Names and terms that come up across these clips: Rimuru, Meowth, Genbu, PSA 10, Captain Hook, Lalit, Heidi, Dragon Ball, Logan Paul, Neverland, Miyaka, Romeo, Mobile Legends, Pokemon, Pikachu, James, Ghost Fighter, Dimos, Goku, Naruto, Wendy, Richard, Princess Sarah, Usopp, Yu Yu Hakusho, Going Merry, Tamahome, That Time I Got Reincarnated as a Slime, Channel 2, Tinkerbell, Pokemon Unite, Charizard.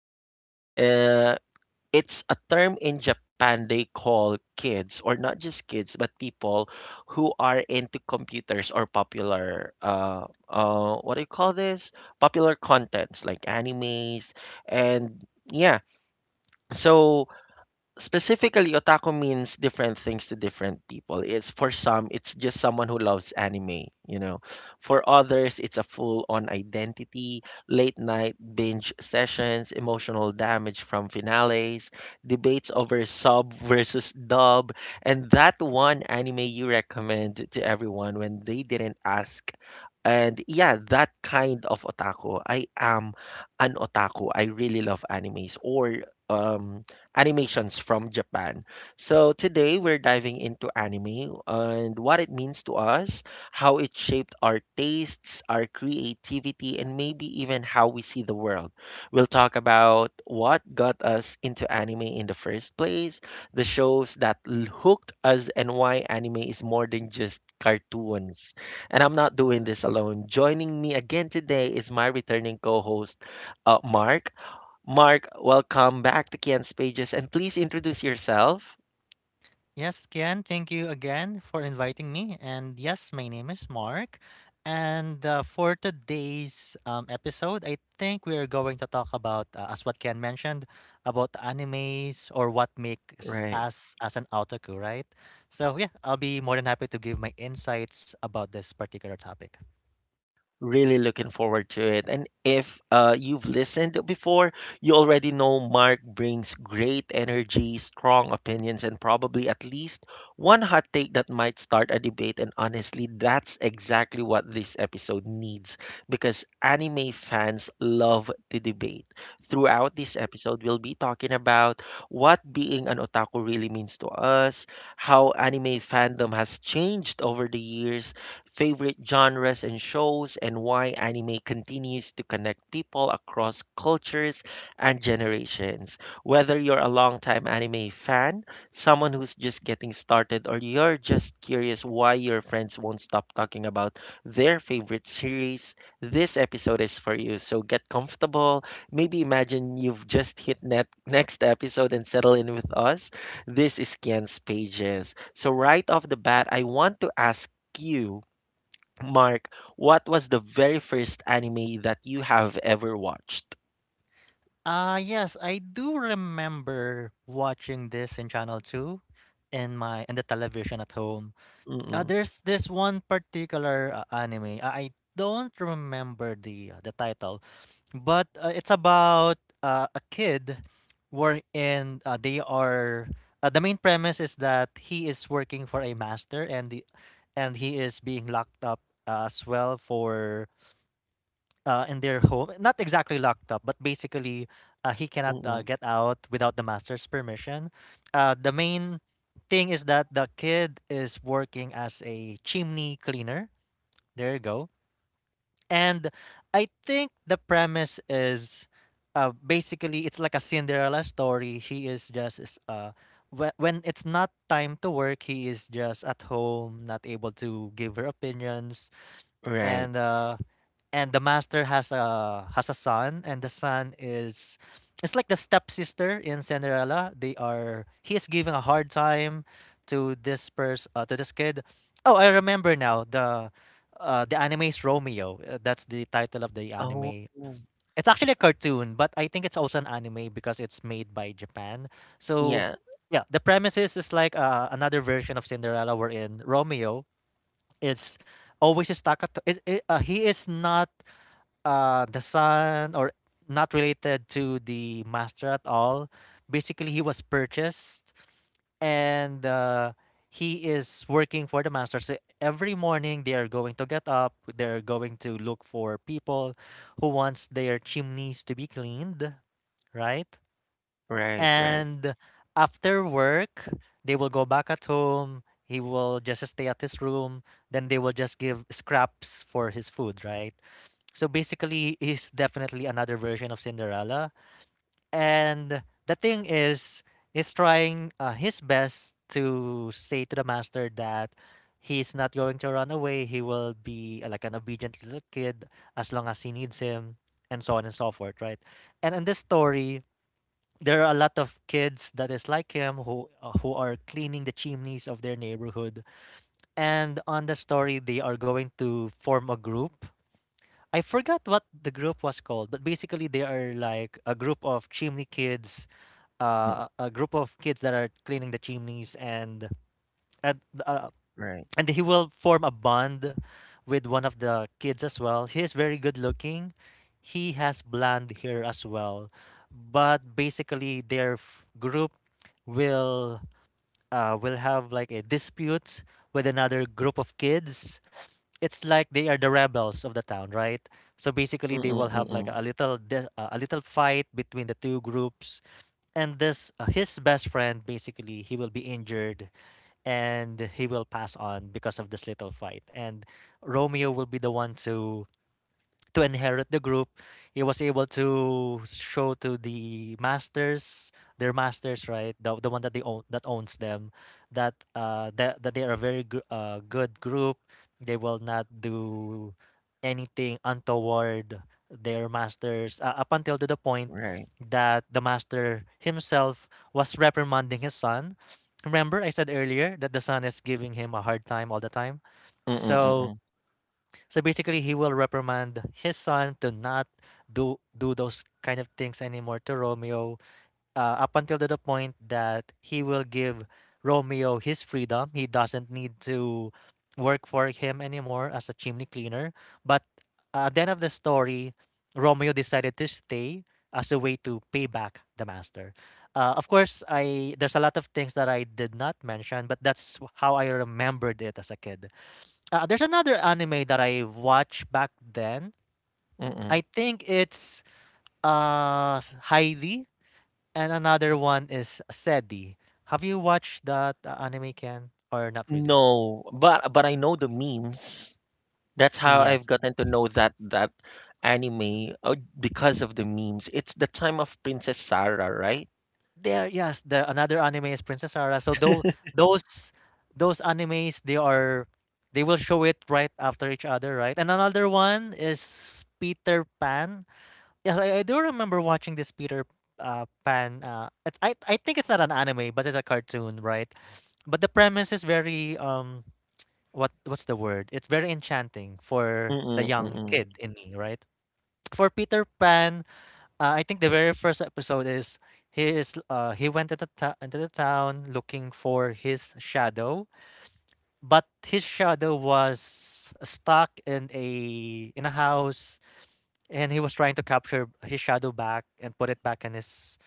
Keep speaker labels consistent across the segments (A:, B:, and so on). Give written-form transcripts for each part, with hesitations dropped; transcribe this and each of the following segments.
A: otaku? Uh, it's a term in Japan they call kids, or not just kids, but people who are into computers or popular, what do you call this? Popular contents like animes. And yeah, so specifically otaku means different things to different people. It's for some, it's just someone who loves anime. For others, it's a full on identity: late night binge sessions, emotional damage from finales, debates over sub versus dub, and that one anime you recommend to everyone when they didn't ask. And yeah, that kind of otaku I am. An otaku. I really love animes or um animations from Japan. So today we're diving into anime and what it means to us, how it shaped our tastes, our creativity, and maybe even how we see the world. We'll talk about what got us into anime in the first place, the shows that hooked us, and why anime is more than just cartoons. And I'm not doing this alone. Joining me again today is my returning co host, Mark. Mark, welcome back to Kian's Pages and please introduce yourself.
B: Yes, Kian, thank you again for inviting me. And yes, my name is Mark. And For today's episode, I think we are going to talk about, as what Kian mentioned, about animes or what makes
A: Right.
B: us as an otaku, right? So yeah, I'll be more than happy to give my insights about this particular topic.
A: Really looking forward to it. And if you've listened before, you already know Mark brings great energy, strong opinions, and probably at least one hot take that might start a debate. And honestly, that's exactly what this episode needs because anime fans love to debate. Throughout this episode, we'll be talking about what being an otaku really means to us, how anime fandom has changed over the years, favorite genres and shows, and why anime continues to connect people across cultures and generations. Whether you're a longtime anime fan, someone who's just getting started, or you're just curious why your friends won't stop talking about their favorite series, this episode is for you. So get comfortable. Maybe imagine you've just hit net next episode and settle in with us. This is Kian's Pages. So right off the bat, I want to ask you, Mark, what was the very first anime that you have ever watched?
B: Yes, I do remember watching this in Channel 2 in my in the television at home.
A: Mm-mm,
B: There's this one particular anime. I don't remember the title, but it's about a kid wherein they are the main premise is that he is working for a master and the and he is being locked up as well for in their home. Not exactly locked up, but basically, he cannot
A: mm-mm,
B: get out without the master's permission. The main thing is that the kid is working as a chimney cleaner. There you go. And I think the premise is basically it's like a Cinderella story. He is just is, whe- when it's not time to work, he is just at home, not able to give her opinions,
A: right.
B: and uh, and the master has a son and the son is it's like the stepsister in Cinderella. They are he is giving a hard time to this person to this kid. Oh, I remember now the anime is Romeo. That's the title of the
A: Oh,
B: anime. It's actually a cartoon, but I think it's also an anime because it's made by Japan. So
A: yeah,
B: yeah, the premises is like another version of Cinderella, wherein Romeo is always stuck at. He is not the son or not related to the master at all. Basically, he was purchased and he is working for the master. So every morning they are going to get up. They're going to look for people who wants their chimneys to be cleaned, right?
A: right, right,
B: And after work, they will go back at home. He will just stay at his room. Then they will just give scraps for his food, right? So basically, he's definitely another version of Cinderella. And the thing is, he's trying his best to say to the master that he's not going to run away. He will be like an obedient little kid as long as he needs him, and so on and so forth, right? And in this story, there are a lot of kids that is like him who are cleaning the chimneys of their neighborhood. And on the story, they are going to form a group. I forgot what the group was called, but basically they are like a group of chimney kids,
A: mm,
B: a group of kids that are cleaning the chimneys, and and uh,
A: right.
B: and he will form a bond with one of the kids as well. He is very good looking. He has blonde hair as well, but basically group will will have like a dispute with another group of kids. It's like they are the rebels of the town, right? So basically, they
A: Mm-mm,
B: will have like
A: mm-mm,
B: a little fight between the two groups, and this his best friend basically he will be injured and he will pass on because of this little fight, and Romeo will be the one to inherit the group. He was able to show to the masters, their masters, right, the one that they own that owns them, that that they are a very good group. They will not do anything untoward their masters up until to the point
A: right.
B: that the master himself was reprimanding his son. Remember, I said earlier that the son is giving him a hard time all the time.
A: Mm-mm,
B: So
A: mm-mm,
B: so basically, he will reprimand his son to not do those kind of things anymore to Romeo, up until to the point that he will give Romeo his freedom. He doesn't need to work for him anymore as a chimney cleaner. But at the end of the story, Romeo decided to stay as a way to pay back the master. Of course, I there's a lot of things that I did not mention, but that's how I remembered it as a kid. There's another anime that I watched back then.
A: mm-mm.
B: I think it's Heidi, and another one is Sedi. Have you watched that anime, Ken, or not really?
A: No, but I know the memes. That's how I've
B: Yes.
A: gotten to know that anime, because of the memes. It's the time of Princess Sarah, right?
B: There yes, the another anime is Princess Sarah. So those those animes they will show it right after each other, right? And another one is Peter Pan. Yes, I do remember watching this Peter Pan. It's I think it's not an anime, but it's a cartoon, right? But the premise is very what's the word? It's very enchanting for
A: Mm-mm,
B: the young
A: mm-mm.
B: kid in me, right? For Peter Pan, I think the very first episode is he went into the town looking for his shadow, but his shadow was stuck in a house, and he was trying to capture his shadow back and put it back in his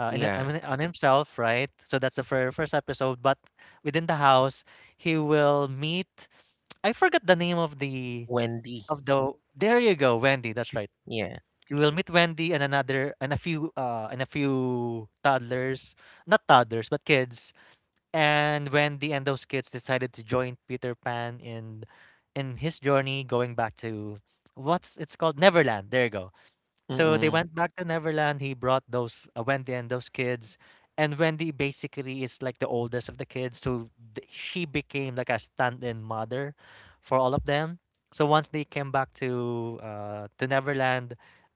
B: uh, in, I
A: Yeah,
B: mean, on himself, right? So that's the first episode. But within the house, he will meet. I forgot the name of the
A: Wendy.
B: of the. There you go, Wendy. That's right.
A: Yeah.
B: You will meet Wendy and another and a few toddlers, not toddlers but kids. And Wendy and those kids decided to join Peter Pan in his journey going back to what's it's called Neverland. There you go. So they
A: Mm-mm,
B: went back to Neverland. He brought those Wendy and those kids, and Wendy basically is like the oldest of the kids, so she became like a stand-in mother for all of them. So once they came back to Neverland,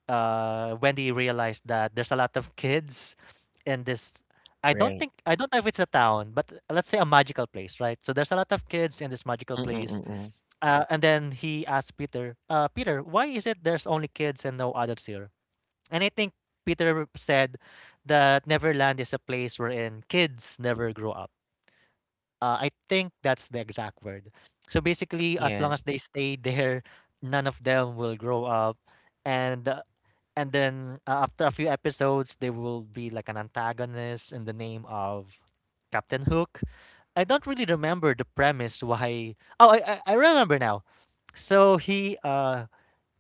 B: Wendy realized that there's a lot of kids in this.
A: right.
B: I don't know if it's a town, but let's say a magical place, right? So there's a lot of kids in this magical
A: Mm-mm,
B: place.
A: mm-mm.
B: And then he asked Peter, Peter, why is it there's only kids and no adults here? And I think Peter said that Neverland is a place wherein kids never grow up. I think that's the exact word. So basically, as
A: Yeah.
B: long as they stay there, none of them will grow up, and uh, and then after a few episodes, they will be like an antagonist in the name of Captain Hook. I don't really remember the premise why. Oh, I remember now. So he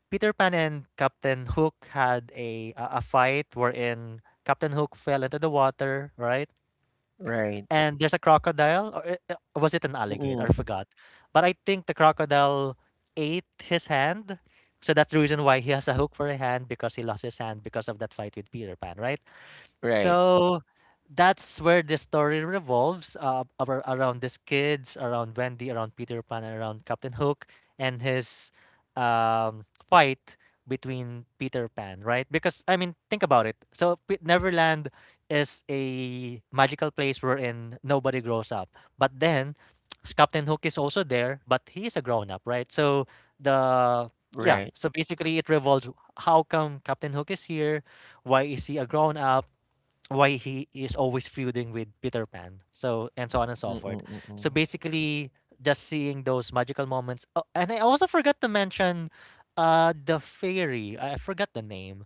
B: Peter Pan and Captain Hook had a fight wherein Captain Hook fell into the water, right?
A: Right.
B: And there's a crocodile, or was it an alligator? I
A: Mm,
B: forgot. But I think the crocodile ate his hand, so that's the reason why he has a hook for a hand because he lost his hand because of that fight with Peter Pan, right?
A: right,
B: So that's where the story revolves around these kids, around Wendy, around Peter Pan, and around Captain Hook and his fight between Peter Pan, right? Because, I mean, think about it. So, Neverland is a magical place wherein nobody grows up. But then, Captain Hook is also there, but he is a grown up, right? So, the. Yeah,
A: right.
B: so basically it revolves how come Captain Hook is here? Why is he a grown up? Why he is always feuding with Peter Pan, so and so on and so
A: Mm,
B: forth.
A: mm, mm,
B: So
A: mm.
B: basically, just seeing those magical moments. Oh, and I also forgot to mention, the fairy. I forgot the name.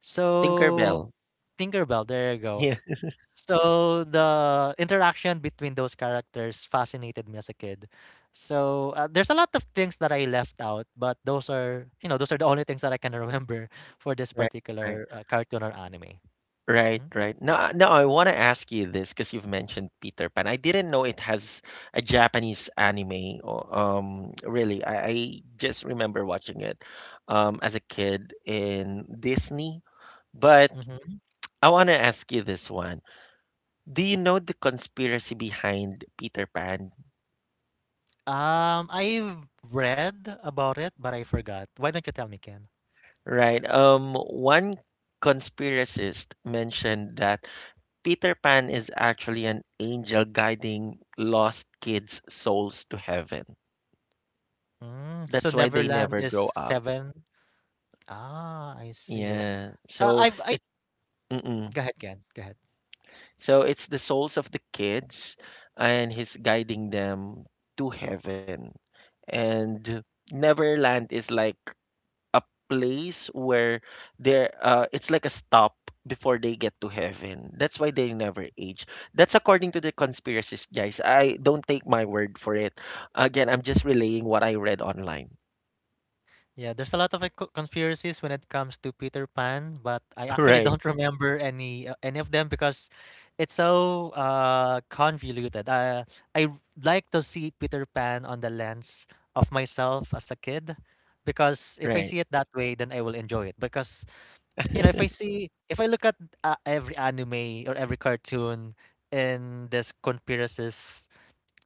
B: So
A: Tinkerbell.
B: Tinkerbell. There you go.
A: Yeah,
B: So the interaction between those characters fascinated me as a kid. So there's a lot of things that I left out, but those are those are the only things that I can remember for this
A: right, right.
B: particular cartoon or anime.
A: Right,
B: Hmm?
A: right. Now, I want to ask you this because you've mentioned Peter Pan. I didn't know it has a Japanese anime. Or, really, I just remember watching it, as a kid in Disney. But
B: Mhm.
A: I want to ask you this one. Do you know the conspiracy behind Peter Pan?
B: I've read about it, but I forgot. Why don't you tell me, Ken?
A: Right. One conspiracist mentioned that Peter Pan is actually an angel guiding lost kids' souls to heaven.
B: Mm, so
A: That's why they
B: Neverland
A: never
B: is
A: grow up.
B: seven. Ah, I see.
A: Yeah. So
B: I've I
A: it Mm-mm.
B: Go ahead, Ken. Go ahead.
A: So it's the souls of the kids and he's guiding them to heaven. And Neverland is like a place where they're it's like a stop before they get to heaven. That's why they never age. That's according to the conspiracies, guys. I don't take my word for it. Again, I'm just relaying what I read online.
B: Yeah, there's a lot of like, conspiracies when it comes to Peter Pan, but I actually
A: Right,
B: don't remember any of them because it's so convoluted. I like to see Peter Pan on the lens of myself as a kid because if I
A: right.
B: see it that way, then I will enjoy it. Because you know, if I look at every anime or every cartoon in this conspiracies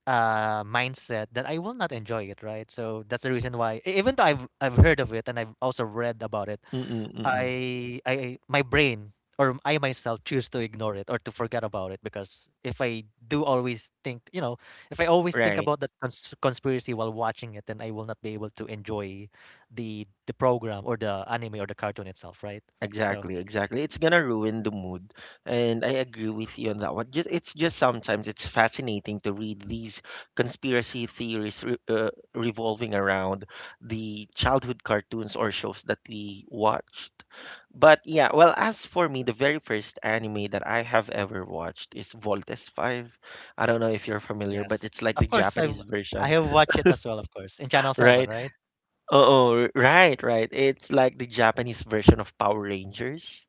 B: mindset, that I will not enjoy it, right? So that's the reason why even though I've heard of it and I've also read about it,
A: Mm-mm, mm.
B: I my brain or I myself choose to ignore it or to forget about it because if I do always think, if I always think
A: Right.
B: about that conspiracy while watching it, then I will not be able to enjoy the program or the anime or the cartoon itself, right? So,
A: Exactly, exactly. It's gonna ruin the mood, and I agree with you on that one. Just it's just sometimes it's fascinating to read these conspiracy theories re revolving around the childhood cartoons or shows that we watched. But yeah, well, as for me, the very first anime that I have ever watched is Voltes 5. I don't know if you're familiar, but
B: yes.
A: it's like the
B: Of course
A: Japanese
B: I
A: version,
B: have watched it as well, of course, in Channel 7,
A: right?
B: right?
A: Oh, right, right. It's like the Japanese version of Power Rangers.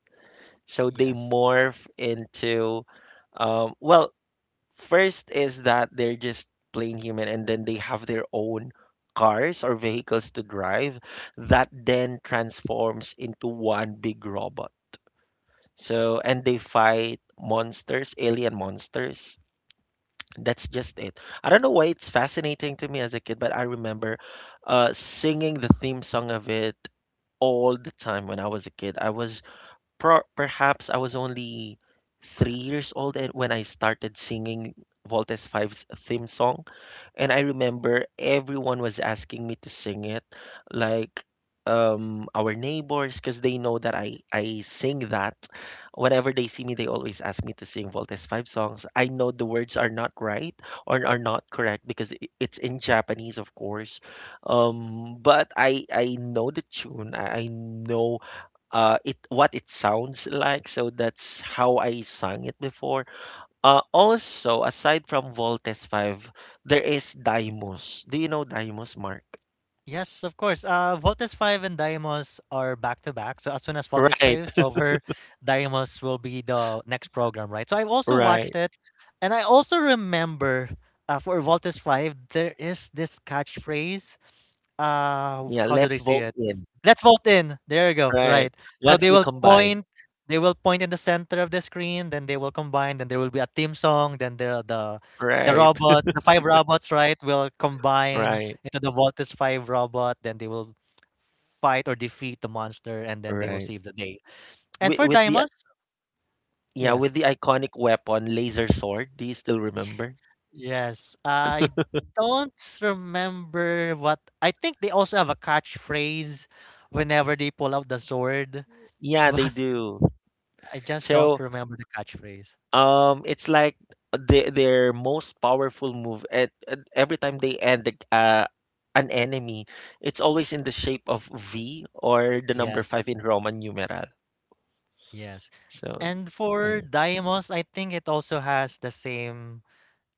A: So they
B: Yes.
A: morph into, well, first is that they're just plain human and then they have their own cars or vehicles to drive that then transforms into one big robot. So, and they fight monsters, alien monsters. That's just it. I don't know why it's fascinating to me as a kid, but I remember singing the theme song of it all the time when I was a kid. Perhaps I was only 3 years old, and when I started singing Voltes 5's theme song. And I remember everyone was asking me to sing it, like our neighbors, because they know that I sing that. Whenever they see me, they always ask me to sing Voltes 5 songs. I know the words are not right or are not correct because it's in Japanese, of course. But I know the tune. I know it what it sounds like. So that's how I sang it before. Also, aside from Voltes 5, there is Dimos. Do you know Dimos, Mark?
B: Yes, of course. Voltes 5 and Deimos are back to back. So as soon as Voltes 5
A: Right,
B: is over, Deimos will be the next program, right? So I've also
A: right.
B: watched it. And I also remember for Voltes 5, there is this catchphrase. Uh,
A: Yeah,
B: how do
A: let's
B: they say
A: vote
B: it?
A: in.
B: Let's vote in. There you go.
A: Right.
B: Right. So
A: Once
B: they
A: they
B: will
A: combine.
B: point. They will point in the center of the screen. Then they will combine. Then there will be a theme song. Then there are the
A: Right,
B: robots, the five robots, right, will combine
A: right,
B: into the Voltes 5 robot, then they will fight or defeat the monster, and then they will
A: right.
B: save the day. And for
A: With the
B: Diamonds,
A: Yeah,
B: yes,
A: with the iconic weapon, laser sword. Do you still remember?
B: yes, I don't remember what I think they also have a catchphrase whenever they pull out the sword,
A: Yeah, they
B: but
A: do.
B: I just don't
A: So
B: remember the catchphrase.
A: It's like their most powerful move at every time they end an enemy, it's always in the shape of V or the number
B: Yes,
A: five in Roman numeral.
B: yes.
A: So
B: And for
A: mm,
B: Daimos, I think it also has the same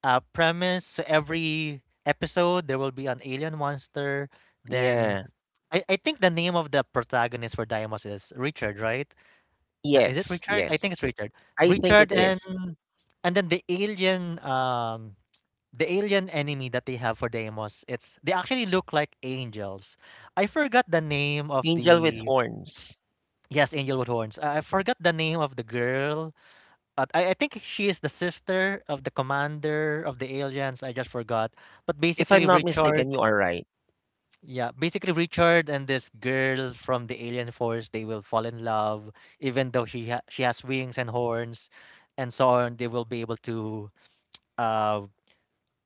B: premise. So every episode, there will be an alien monster. Then
A: yeah,
B: I think the name of the protagonist for Diamos is Richard, right? Is it
A: yes,
B: Richard?
A: yes,
B: I think it's Richard.
A: I think
B: Richard,
A: it is
B: and then the alien enemy that they have for Deimos, it's they actually look like angels. I forgot the name of
A: angel with
B: the
A: horns.
B: yes, angel with horns. I forgot the name of the girl, but I think she is the sister of the commander of the aliens. I just forgot. But
A: If I'm
B: basically,
A: not
B: Richard,
A: mistaken, you are right.
B: yeah, basically Richard and this girl from the alien force, they will fall in love, even though she has wings and horns and so on. They will be able uh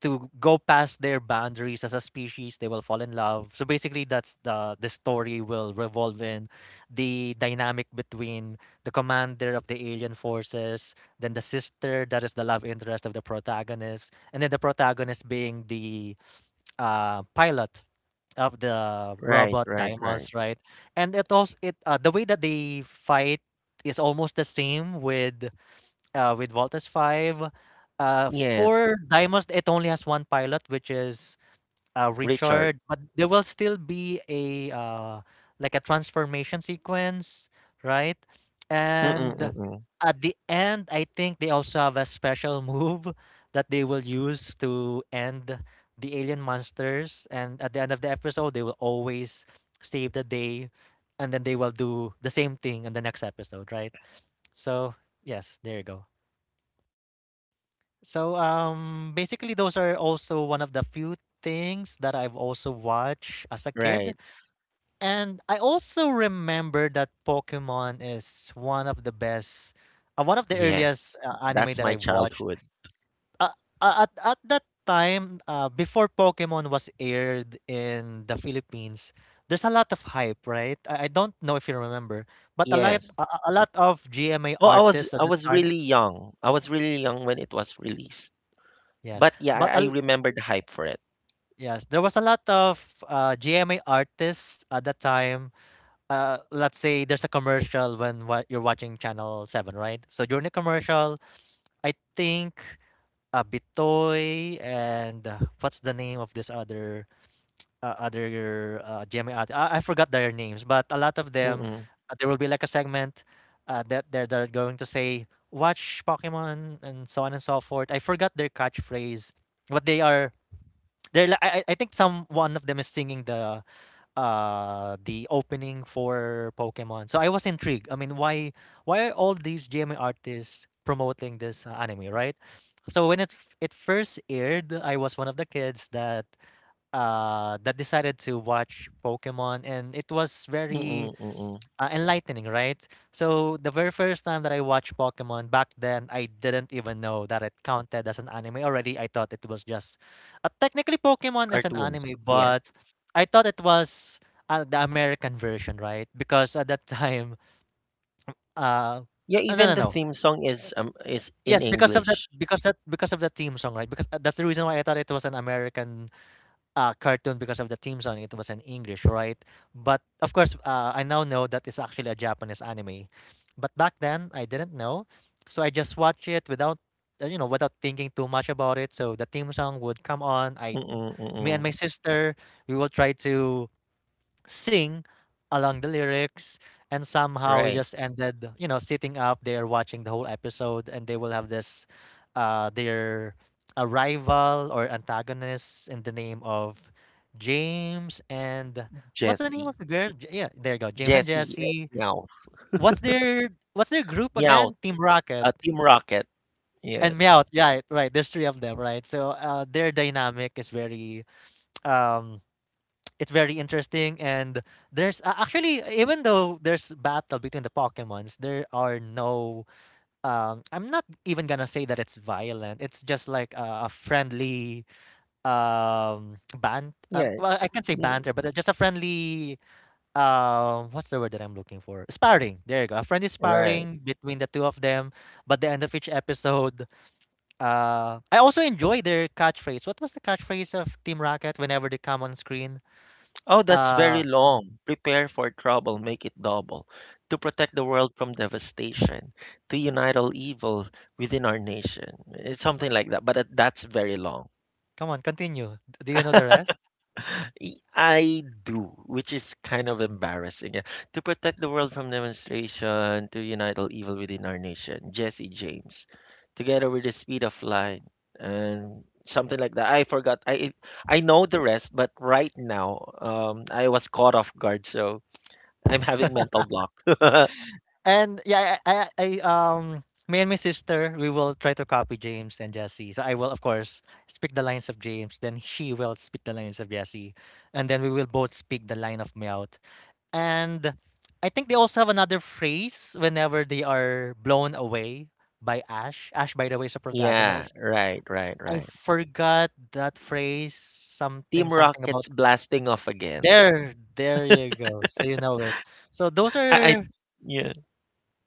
B: to go past their boundaries as a species. They will fall in love. So basically, that's the story will revolve in the dynamic between the commander of the alien forces, then the sister that is the love interest of the protagonist, and then the protagonist being the pilot of the
A: Right,
B: robot
A: right, right.
B: Daimos, right? And it also it the way that they fight is almost the same with Voltas 5.
A: Yes,
B: For Daimos it only has one pilot which is
A: Richard.
B: Richard, but there will still be a like a transformation sequence, right? And
A: Mm-mm-mm-mm.
B: at the end, I think they also have a special move that they will use to end the alien monsters. And at the end of the episode, they will always save the day, and then they will do the same thing in the next episode, right? So yes, there you go. So basically those are also one of the few things that I've also watched as a kid.
A: Right.
B: And I also remember that Pokemon is one of the best one of the
A: Yes,
B: earliest anime
A: that's
B: that
A: my
B: I've watched.
A: childhood.
B: Uh, at that time before Pokemon was aired in the Philippines, there's a lot of hype, right? I don't know if you remember, but a lot
A: Yes.
B: a, a a lot of GMA
A: Oh, I was
B: artists at
A: I
B: the
A: was
B: time.
A: really young. I was really young when it was released.
B: Yes,
A: But yeah,
B: but
A: I,
B: a
A: I remember the hype for it.
B: yes, there was a lot of GMA artists at that time. Let's say there's a commercial when what you're watching Channel 7, right? So during the commercial, I think Bitoy and what's the name of this other GMA artist? I forgot their names, but a lot of them,
A: Mm-mm,
B: there will be like a segment that they're going to say, watch Pokemon and so on and so forth. I forgot their catchphrase, but they are they're li- I think some one of them is singing the opening for Pokemon. So I was intrigued. I mean, why are all these GMA artists promoting this anime, right? So when it first aired, I was one of the kids that that decided to watch Pokemon, and it was very
A: mm-mm, mm-mm.
B: enlightening, right? So the very first time that I watched Pokemon back then, I didn't even know that it counted as an anime already. I thought it was just technically Pokemon is an
A: Cartoons,
B: anime,
A: yes.
B: but I thought it was the American version, right? Because at that time, uh,
A: Yeah,
B: no, no,
A: even the
B: no.
A: theme song is in
B: Yes, because of that,
A: English.
B: because of the theme song, right? Because that's the reason why I thought it was an American cartoon because of the theme song. It was in English, right? But of course, I now know that it's actually a Japanese anime. But back then, I didn't know, so I just watched it without, without thinking too much about it. So the theme song would come on.
A: Mm-mm,
B: Me and
A: mm-mm.
B: my sister, we will try to sing along the lyrics and somehow
A: Right.
B: just ended, you know, sitting up there watching the whole episode and they will have this their a rival or antagonist in the name of James and what's the name of
A: Jesse,
B: the girl? Yeah, there you go. James and
A: Jesse,
B: Jesse.
A: meow,
B: What's their group
A: meow.
B: again? Team Rocket
A: Team Rocket.
B: and Meowth.
A: Yes.
B: Yeah, right. There's three of them, right? So their dynamic is very um it's very interesting, and there's actually even though there's battle between the pokemons, there are no I'm not even gonna say that it's violent, it's just like a friendly band
A: Yeah.
B: well, I can't say
A: Mm,
B: banter, but just a friendly what's the word that I'm looking for sparring, there you go, a friendly
A: right.
B: sparring between the two of them. But the end of each episode, I also enjoy their catchphrase. What was the catchphrase of Team Rocket whenever they come on screen?
A: Oh, that's
B: Uh,
A: very long. Prepare for trouble, make it double. To protect the world from devastation, to unite all evil within our nation. It's something like that, but that's very long.
B: come on, continue. Do you know the rest?
A: I do, which is kind of embarrassing. Yeah. To protect the world from demonstration, to unite all evil within our nation. Jesse James. Together with the speed of light and something like that. I forgot. I know the rest, but right now, I was caught off guard, so. I'm having mental block.
B: And yeah, me and my sister, we will try to copy James and Jesse. So I will, of course, speak the lines of James. Then she will speak the lines of Jesse, and then we will both speak the line of Meowth. And I think they also have another phrase whenever they are blown away by Ash. Ash, by the way, is a
A: Yeah,
B: protagonist.
A: right, right,
B: I
A: right.
B: forgot that phrase. Something,
A: Team
B: something
A: Rocket's
B: about
A: blasting off again.
B: there. There you go. So you know it. So those
A: I
B: are
A: yeah.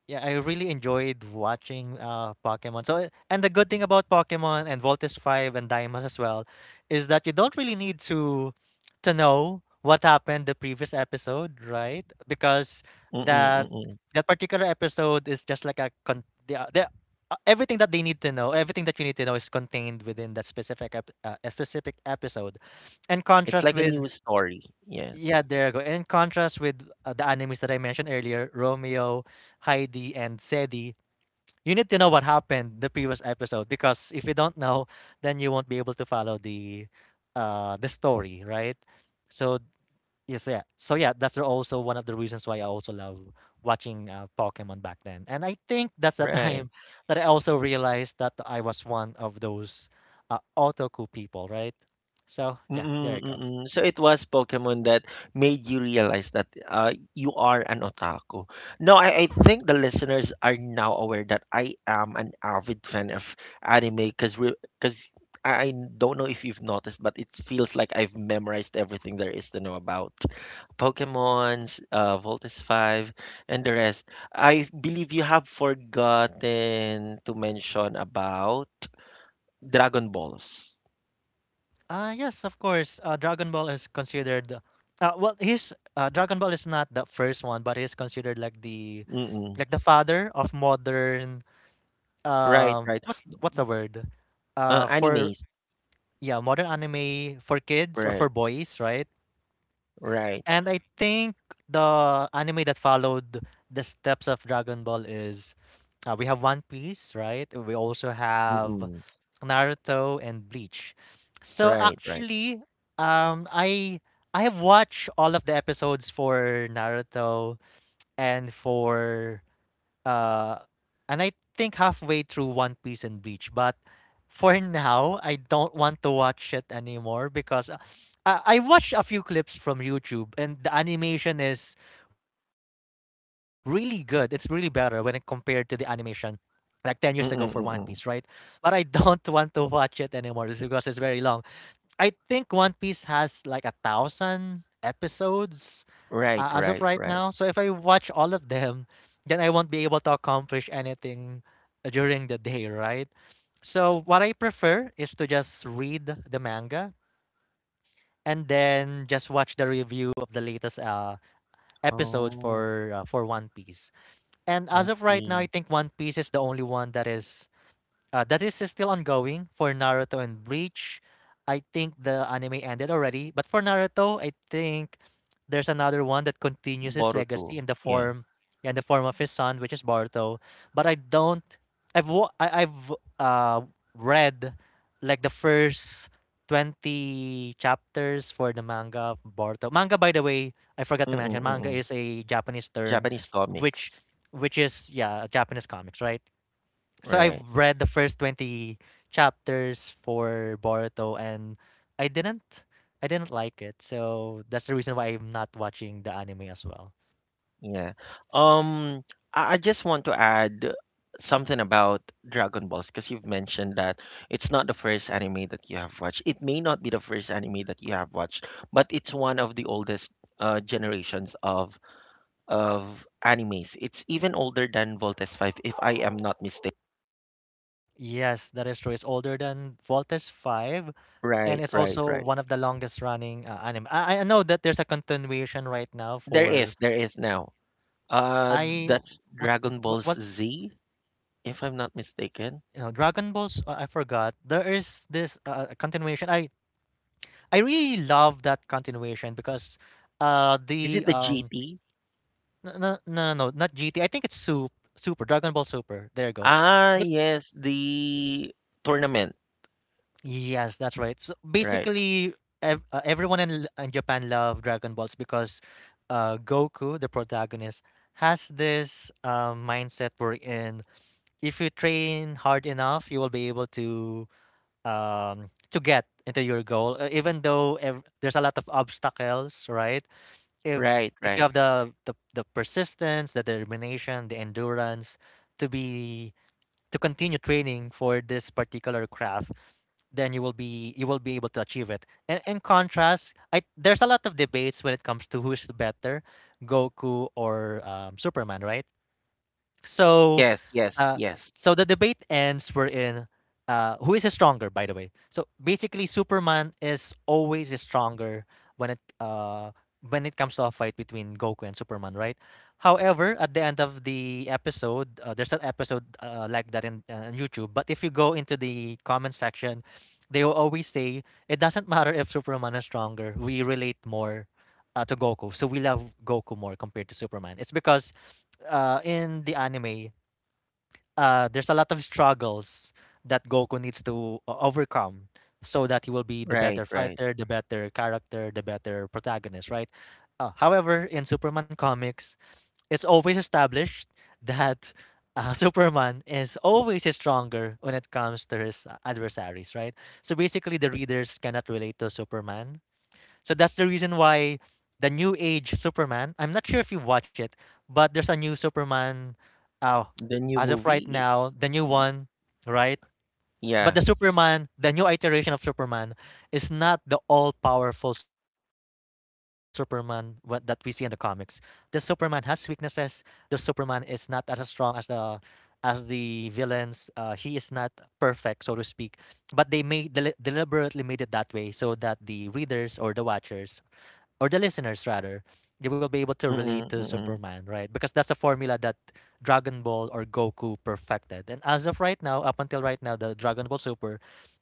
B: yeah, I really enjoyed watching Pokemon. So, and the good thing about Pokemon and Voltes 5 and Diamond as well is that you don't really need to know what happened the previous episode, right? Because
A: Mm-mm,
B: that
A: mm-mm.
B: that particular episode is just like a con- the, everything that they need to know, everything that you need to know is contained within that a specific episode. In
A: It's
B: contrast
A: like a
B: with
A: news story. Yes.
B: yeah, there you go. In contrast with the animes that I mentioned earlier, Romeo, Heidi, and Sedi, you need to know what happened the previous episode because if you don't know, then you won't be able to follow the story, right? So yes, yeah. So yeah, that's also one of the reasons why I also love watching Pokemon back then. And I think that's the
A: Right.
B: time that I also realized that I was one of those otaku people, right? So yeah, there
A: Mm,
B: you go.
A: mm. So it was Pokemon that made you realize that you are an otaku. No, I think the listeners are now aware that I am an avid fan of anime because we because I don't know if you've noticed, but it feels like I've memorized everything there is to know about Pokemons, Voltus 5, and the rest. I believe you have forgotten to mention about Dragon Balls.
B: Yes, of course. Dragon Ball is considered the- well, he's Dragon Ball is not the first one, but he's considered
A: Mm-mm.
B: like the father of modern
A: Right, right.
B: what's the word? For
A: Animes.
B: yeah, modern anime for kids or for
A: Right,
B: boys, right?
A: right.
B: And I think the anime that followed the steps of Dragon Ball is we have One Piece, right? We also have
A: Mm-mm.
B: Naruto and Bleach. So
A: Right, right.
B: actually, um, I I have watched all of the episodes for Naruto and for uh, and I think halfway through One Piece and Bleach. But for now, I don't want to watch it anymore because I watched a few clips from YouTube and the animation is really good. It's really better when it compared to the animation like 10 years ago for One Piece,
A: Mm-mm,
B: right?
A: mm-mm.
B: But I don't want to watch it anymore just because it's very long. I think One Piece has like 1,000 episodes
A: Right,
B: as of
A: right,
B: right
A: right.
B: now. So if I watch all of them, then I won't be able to accomplish anything during the day, right? So what I prefer is to just read the manga and then just watch the review of the latest episode
A: Oh,
B: for One Piece. And
A: I
B: as of right now,
A: see.
B: I think One Piece is the only one that is still ongoing. For Naruto and Bleach, I think the anime ended already, but for Naruto, I think there's another one that continues his legacy
A: Boruto. Yeah.
B: in the form of his son, which is Boruto. But I don't. I've uh read like the first 20 chapters for the manga of Boruto. Manga, by the way, I forgot to
A: Mm-mm,
B: mention. Manga
A: mm-mm.
B: is a Japanese term,
A: Japanese
B: which
A: comics.
B: which is, yeah, Japanese comics, right? So
A: Right.
B: I've read the first 20 chapters for Boruto and I didn't I didn't like it. So that's the reason why I'm not watching the anime as well.
A: Yeah. Um, I just want to add something about Dragon Balls because you've mentioned that it's not the first anime that you have watched. It may not be the first anime that you have watched, but it's one of the oldest generations of animes. It's even older than Voltes 5 if I am not mistaken.
B: Yes, that is true. It's older than Voltes 5 and
A: Right,
B: it's
A: right,
B: also
A: right.
B: one of the longest running anime. I know that there's a continuation right now for
A: There is now. Uh
B: I
A: that's
B: was
A: Dragon
B: what
A: Ball
B: was
A: Z if I'm not mistaken.
B: you know, Dragon Balls, I forgot. There is this continuation. I really love that continuation because
A: Is
B: the
A: it the GT?
B: No, no, no, no, no, not GT. I think it's Super, Dragon Ball Super. There you go.
A: Ah,
B: But
A: yes, the tournament.
B: yes, that's right. So
A: Right.
B: basically, ev everyone in Japan love Dragon Balls because, Goku, the protagonist, has this mindset wherein if you train hard enough, you will be able to, to get into your goal, even though ev there's a lot of obstacles, right?
A: Right,
B: If you
A: right.
B: have the the persistence, the determination, the endurance to be, to continue training for this particular craft, then you will be, you will be able to achieve it. And in contrast, I there's a lot of debates when it comes to who's better, Goku or, Superman, right? So,
A: Yes, yes,
B: uh,
A: yes.
B: so the debate ends. We're in. Who is stronger, by the way? So basically, Superman is always stronger when it when it comes to a fight between Goku and Superman, right? However, at the end of the episode, there's an episode like that in on YouTube. But if you go into the comment section, they will always say it doesn't matter if Superman is stronger. We relate more, to Goku, so we love Goku more compared to Superman. It's because, in the anime, there's a lot of struggles that Goku needs to overcome so that he will be the
A: Right,
B: better
A: right.
B: fighter, the better character, the better protagonist, right? However, in Superman comics, it's always established that, Superman is always stronger when it comes to his, adversaries, right? So basically, the readers cannot relate to Superman, so that's the reason why the new age Superman. I'm not sure if you have watched it, but there's a new Superman, uh,
A: The new
B: as of right
A: movie.
B: now, the new
A: y- y-
B: one, right? But
A: Yeah.
B: the Superman, the new iteration of Superman, is not the all-powerful Superman that we see in the comics. The Superman has weaknesses. The Superman is not as strong as the, as the villains. He is not perfect, so to speak. But they made deliberately made it that way so that the readers or the watchers or the listeners rather, they will be able to relate
A: Mm-mm,
B: to
A: mm-mm.
B: Superman, right? Because that's a formula that Dragon Ball or Goku perfected. And as of right now, up until right now, the Dragon Ball Super,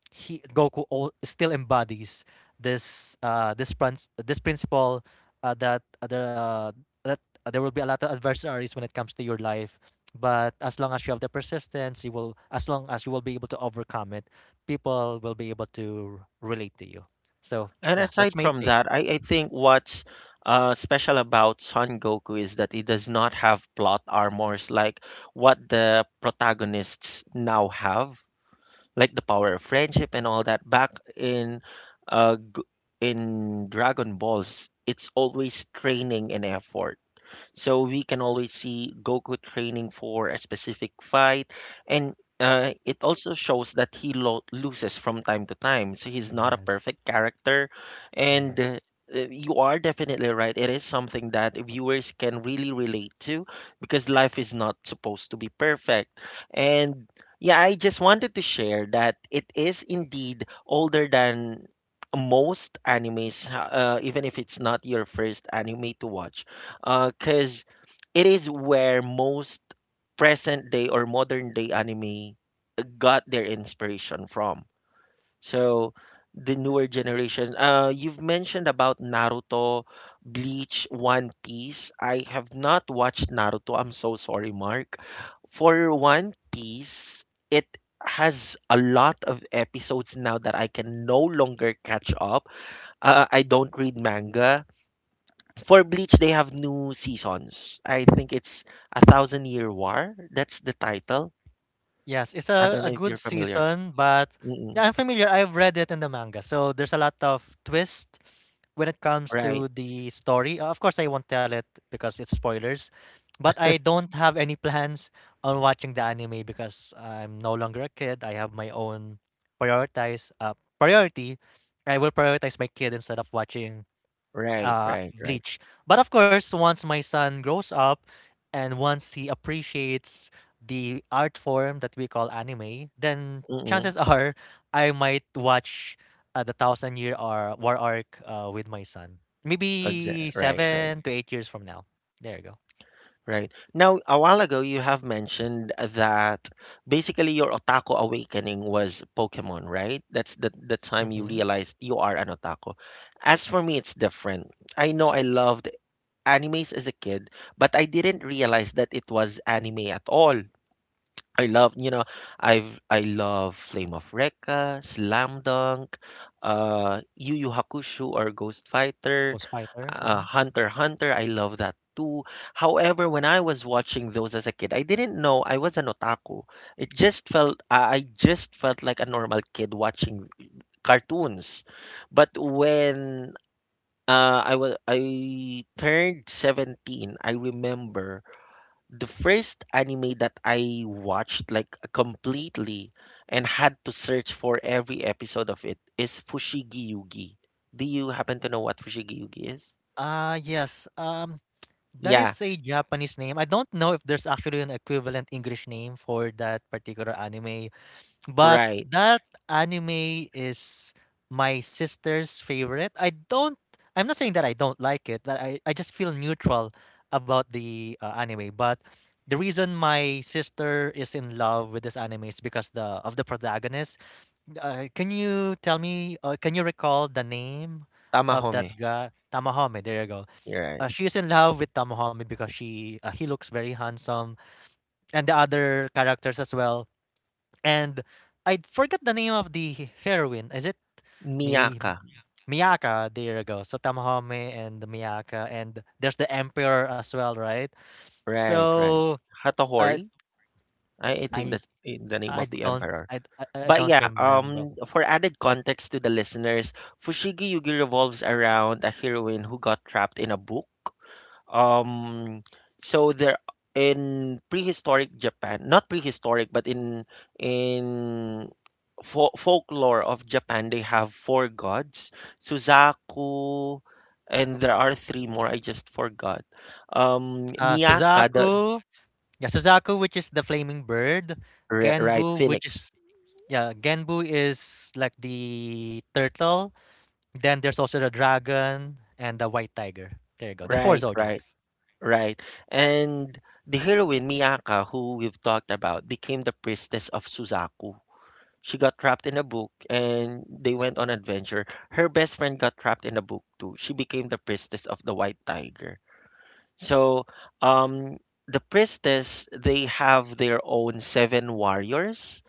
B: he Goku all, still embodies this this this principle, that the that there will be a lot of adversaries when it comes to your life. But as long as you have the persistence, you will as long as you will be able to overcome it, people will be able to relate to you. So
A: And
B: yeah, that's
A: aside
B: my
A: from
B: take.
A: that, I think what's special about Son Goku is that he does not have plot armors like what the protagonists now have, like the power of friendship and all that. Back in uh, G- in Dragon Balls, it's always training and effort. So we can always see Goku training for a specific fight, and it also shows that he loses from time to time. So he's not a
B: Yes.
A: perfect character, and
B: Yes.
A: you are definitely right. It is something that viewers can really relate to because life is not supposed to be perfect. And yeah, I just wanted to share that it is indeed older than most animes, even if it's not your first anime to watch because it is where most present day or modern day anime got their inspiration from. So the newer generation, you've mentioned about Naruto, Bleach, One Piece. I have not watched Naruto. I'm so sorry, Mark. For One Piece, it has a lot of episodes now that I can no longer catch up. I don't read manga. For Bleach, they have new seasons. I think it's A Thousand Year War. That's the title.
B: Yes, it's
A: I don't
B: a
A: know if
B: good
A: you're familiar.
B: season, but
A: Mm-mm.
B: yeah, I'm familiar. I've read it in the manga. So there's a lot of twist when it comes
A: Right,
B: to the story. Of course, I won't tell it because it's spoilers, but I don't have any plans on watching the anime because I'm no longer a kid. I have my own prioritize priority. I will prioritize my kid instead of watching,
A: right, right, right.
B: bleach. But of course, once my son grows up and once he appreciates the art form that we call anime, then
A: Mm-mm.
B: chances are I might watch, the Thousand Year War arc with my son. Maybe
A: Right, right,
B: 7 to 8 years from now. There you go.
A: right. Now, a while ago, you have mentioned that basically your otaku awakening was Pokemon, right? That's the time you
B: Mm-hmm.
A: realized you are an otaku. As for me, it's different. I know I loved animes as a kid, but I didn't realize that it was anime at all. I love, I love Flame of Recca, Slam Dunk, Yu Yu Hakusho or Ghost Fighter,
B: Ghost Fighter. Mm-hmm.
A: Hunter x Hunter. I love that too. However, when I was watching those as a kid, I didn't know I was an otaku. It just felt I just felt like a normal kid watching cartoons. But when I was I turned 17, I remember the first anime that I watched like completely and had to search for every episode of it is Fushigi Yugi. Do you happen to know what Fushigi Yugi is?
B: Yes. That is
A: Yeah,
B: a Japanese name. I don't know if there's actually an equivalent English name for that particular anime. But
A: right.
B: that anime is my sister's favorite. I'm not saying that I don't like it, but I just feel neutral about the, anime. But the reason my sister is in love with this anime is because the of the protagonist. Can you tell me can you recall the name of that
A: Tamahome.
B: guy? Tamahome, there you go.
A: You're right.
B: She is in love with Tamahome because she he looks very handsome and the other characters as well, and I forgot the name of the heroine. Is it Mi
A: Miyaka.
B: Miyaka? There you go. So Tamahome and Miyaka, and there's the Emperor as well, right?
A: Right, right.
B: So uh,
A: Hatohori. I think
B: I
A: that's the name
B: I
A: of the
B: don't
A: emperor.
B: I, I I
A: But
B: don't
A: yeah,
B: remember.
A: for added context to the listeners, Fushigi Yugi revolves around a heroine who got trapped in a book. Um, so there in prehistoric Japan, not prehistoric, but in folklore of Japan, they have four gods, Suzaku, and there are three more. I just forgot. Miyaka, the
B: Suzaku, yeah, Suzaku, which is the flaming bird.
A: right
B: Genbu, which
A: phoenix,
B: is, yeah, Genbu is like the turtle. Then there's also the dragon and the white tiger. There you go. The four
A: right, right,
B: zodiacs.
A: right, and the heroine Miyaka, who we've talked about, became the priestess of Suzaku. She got trapped in a book and they went on adventure. Her best friend got trapped in a book too. She became the priestess of the White Tiger. So, um, the priestess, they have their own seven warriors,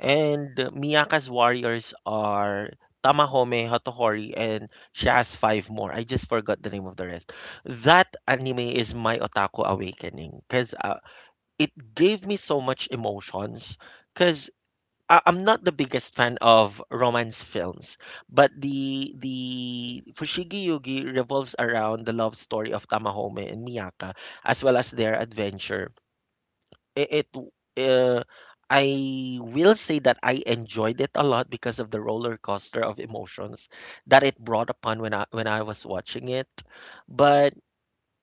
A: and Miyaka's warriors are Tamahome, Hotohori, and she has five more. I just forgot the name of the rest. That anime is my otaku awakening because it gave me so much emotions. Because I'm not the biggest fan of romance films, but the Fushigi Yugi revolves around the love story of Tamahome and Miyaka, as well as their adventure. It uh, I will say that I enjoyed it a lot because of the roller coaster of emotions that it brought upon when I was watching it. But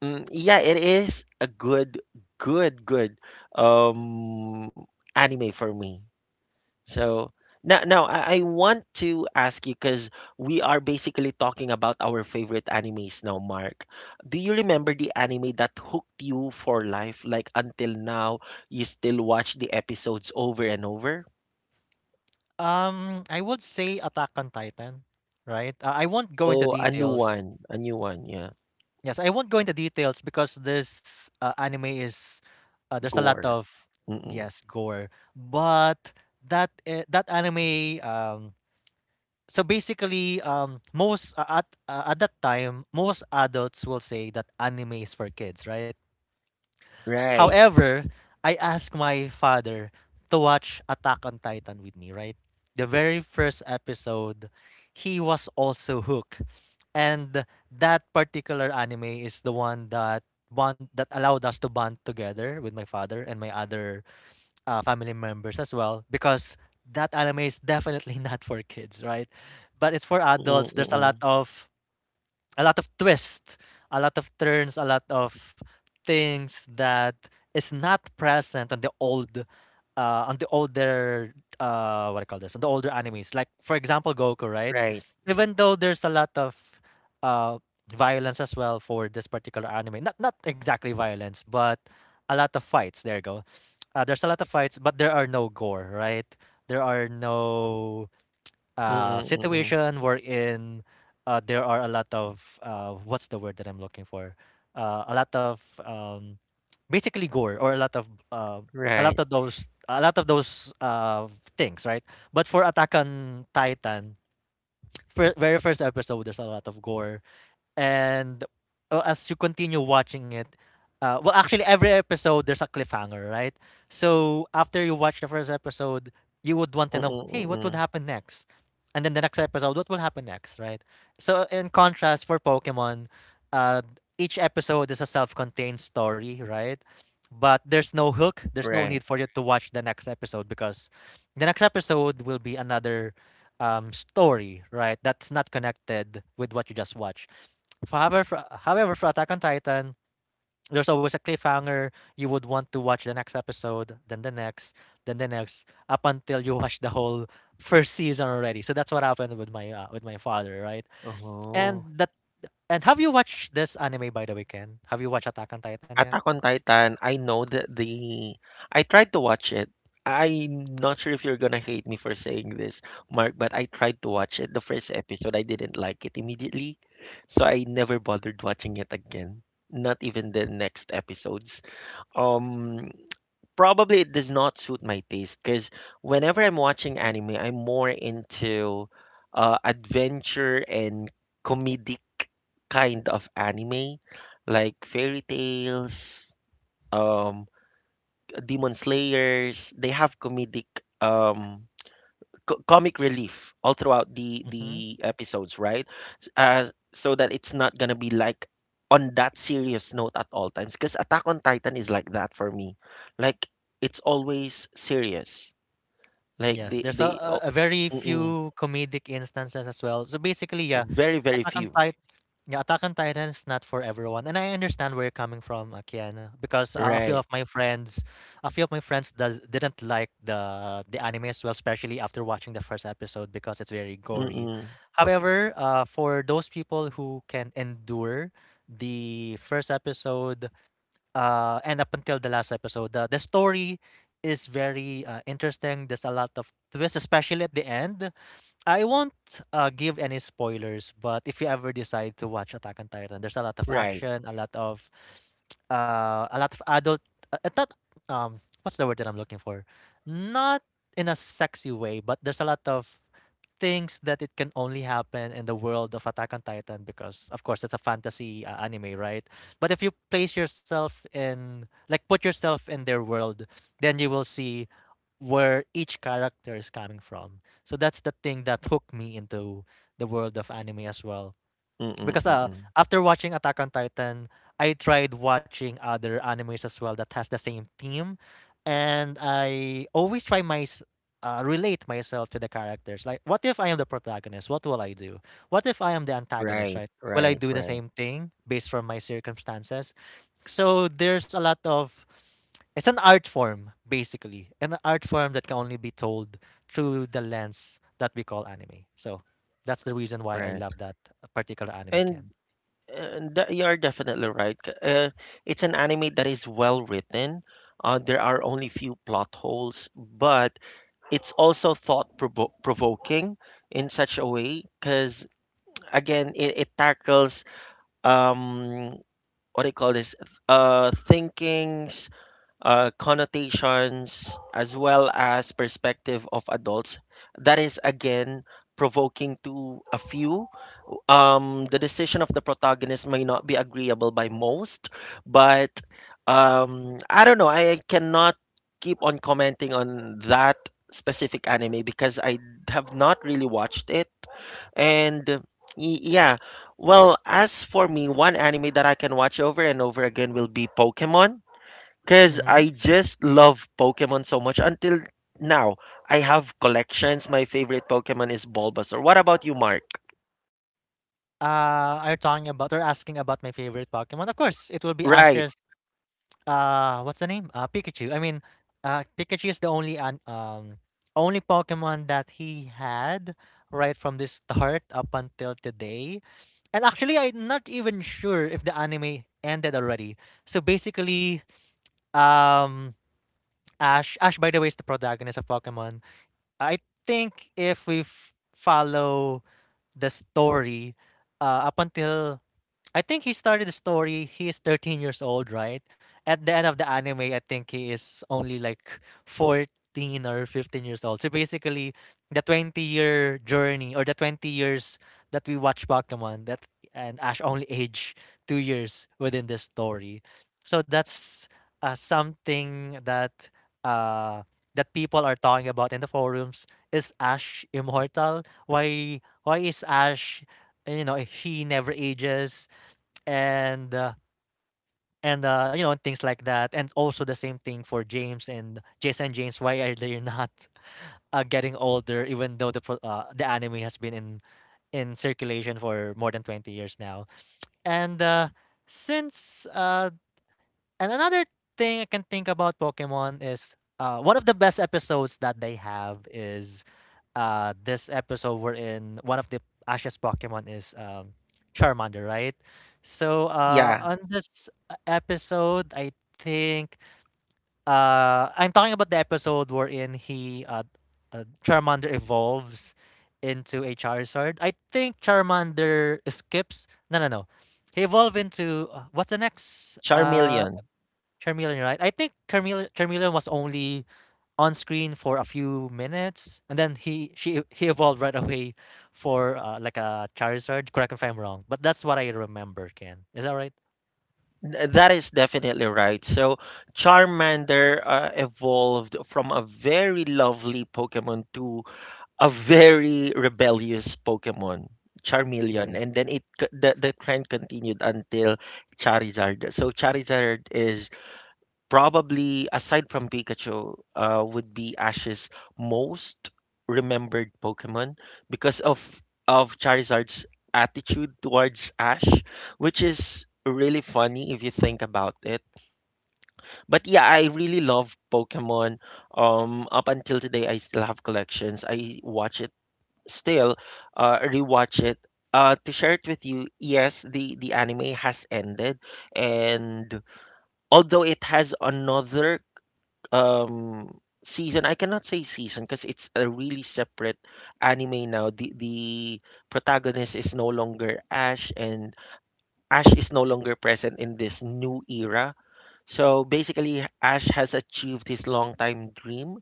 A: yeah, it is a good um anime for me. So now I want to ask you because we are basically talking about our favorite animes now, Mark. Do you remember the anime that hooked you for life? Like until now, you still watch the episodes over and over?
B: I would say Attack on Titan, right? I won't go into
A: Oh,
B: details.
A: a new one, yeah.
B: Yes, I won't go into details because this, anime is, there's a lot
A: Gore.
B: of,
A: Mm-mm.
B: yes, gore, but that anime, so basically most at that time most adults will say that anime is for kids, right?
A: Right.
B: However, I asked my father to watch Attack on Titan with me, right? The very first episode, he was also hooked. And that particular anime is the one that bond that allowed us to bond together with my father and my other, family members as well, because that anime is definitely not for kids, right? But it's for
A: Mm-mm,
B: adults. There's a lot
A: mm-mm.
B: of, a lot of twists, a lot of turns, a lot of things that is not present on the old on the older what I call this on the older animes. Like for example Goku, right?
A: Right.
B: Even though there's a lot of uh violence as well for this particular anime. Not not exactly violence, but a lot of fights. There you go. There's a lot of fights, but there are no gore, right? There are no,
A: Mm-mm, mm-mm.
B: situation wherein, there are a lot of, what's the word that I'm looking for? A lot of, basically gore or a lot of,
A: Right.
B: a lot of those, things, right? But for Attack on Titan, very first episode, there's a lot of gore and, as you continue watching it, well, actually, every episode there's a cliffhanger, right? So after you watch the first episode, you would want to know,
A: Mm-mm,
B: hey, what would
A: mm-mm.
B: happen next? And then the next episode, what will happen next, right? So in contrast, for Pokemon, uh, each episode is a self-contained story, right? But there's no hook. There's no
A: Right.
B: need for you to watch the next episode because the next episode will be another, story, right? That's not connected with what you just watched. However, for Attack on Titan, there's always a cliffhanger. You would want to watch the next episode, then the next, up until you watch the whole first season already. So that's what happened with my, with my father, right? And
A: Oh.
B: that, and have you watched this anime by the weekend? Have you watched Attack on Titan yet?
A: Attack on Titan, I know that the I tried to watch it. I'm not sure if you're gonna hate me for saying this, Mark, but I tried to watch it. The first episode, I didn't like it immediately, so I never bothered watching it again. Not even the next episodes. Um, Probably it does not suit my taste because whenever I'm watching anime, I'm more into adventure and comedic kind of anime, like fairy tales, um demon slayers they have comedic um comic relief all throughout the
B: Mm-hmm.
A: the episodes, right? S- uh, so that it's not gonna be like on that serious note at all times, because Attack on Titan is like that for me, like it's always serious, like
B: Yes, there's
A: they oh,
B: a very
A: mm-mm,
B: few comedic instances as well. So basically, yeah,
A: very very
B: Attack on
A: few
B: Titan, yeah, Attack on Titan is not for everyone, and I understand where you're coming from, Kian, because a few of
A: right
B: my friends, a few of my friends does didn't like the anime as well, especially after watching the first episode because it's very
A: mm-mm,
B: gory. However, for those people who can endure the first episode, and up until the last episode. The story is very, interesting. There's a lot of twists, especially at the end. I won't give any spoilers, but if you ever decide
A: right
B: to watch Attack on Titan, there's a lot of action, a lot of a lot of adult, not um, what's the word that I'm looking for? Not in a sexy way, but there's a lot of thinks that it can only happen in the world of Attack on Titan because, of course, it's a fantasy anime, right? But if you place yourself in, like, put yourself in their world, then you will see where each character is coming from. So that's the thing that hooked me into the world of anime as well
A: mm-mm,
B: because
A: mm-mm,
B: after watching Attack on Titan, I tried watching other animes as well that has the same theme, and I always relate myself to the characters. Like, what if I am the protagonist? What will I do? What if I am the antagonist?
A: right
B: Right? Will I
A: right
B: do the
A: right
B: same thing based from my circumstances? So there's a lot of it's an art form basically, an art form that can only be told through the lens that we call anime. So that's the reason why I
A: right
B: love that particular anime
A: and.
B: can.
A: You are definitely right. It's an anime that is well written. There are only few plot holes, but it's also thought provoking in such a way because again, it tackles um, what do you call this? Thinkings, connotations, as well as perspective of adults. That is again provoking to a few. The decision of the protagonist may not be agreeable by most, but I don't know. I cannot keep on commenting on that specific anime because I have not really watched it. And yeah, well, as for me, one anime that I can watch over and over again will be Pokemon because
B: Mm-hmm.
A: I just love Pokemon so much until now. I have collections. My favorite Pokemon is Bulbasaur. What about you, Mark?
B: Uh, are you talking about? They're asking about my favorite Pokemon. Of course, it will be
A: Right.
B: Ash's what's the name? Pikachu. I mean, Pikachu is the only an only Pokemon that he had right from the start up until today. And actually I'm not even sure if the anime ended already. So basically, um Ash by the way is the protagonist of Pokemon. I think if we follow the story up until I think he started the story. He is 13 years old, right? At the end of the anime, I think he is only like 14 or 15 years old. So basically, the 20-year journey or the 20 years that we watch Pokemon, that and Ash only age 2 years within the story. So that's something uh, that people are talking about in the forums. Is Ash immortal? Why is Ash, you know, he never ages, and uh, and you know and things like that, and also the same thing for James and Jason and James. Why are they not getting older even though the anime has been in circulation for more than 20 years now, and since and another thing I can think about Pokemon is, one of the best episodes that they have is this episode we're in one of the Ash's Pokemon is Charmander, right? So
A: Yeah.
B: on this episode I think I'm talking about the episode wherein he Charmander evolves into a Charizard. I think Charmander skips, no, no, no. He evolved into what's the next
A: Charmeleon.
B: Charmeleon, right? I think Charmeleon was only on screen for a few minutes, and then he evolved right away for like a Charizard. Correct me if I'm wrong, but that's what I remember. Ken, is that right?
A: That is definitely right. So Charmander evolved from a very lovely Pokemon to a very rebellious Pokemon,
B: Yeah,
A: Charmeleon, and then it c- the trend continued until Charizard. So Charizard is probably aside from Pikachu, would be Ash's most remembered Pokemon because of Charizard's attitude towards Ash, which is really funny if you think about it. But yeah, I really love Pokemon. Up until today, I still have collections. I watch it still, rewatch it. To share it with you, yes, the anime has ended, and although it has another um season, I cannot say season because it's a really separate anime now. The protagonist is no longer Ash, and Ash is no longer present in this new era. So basically Ash has achieved his long time dream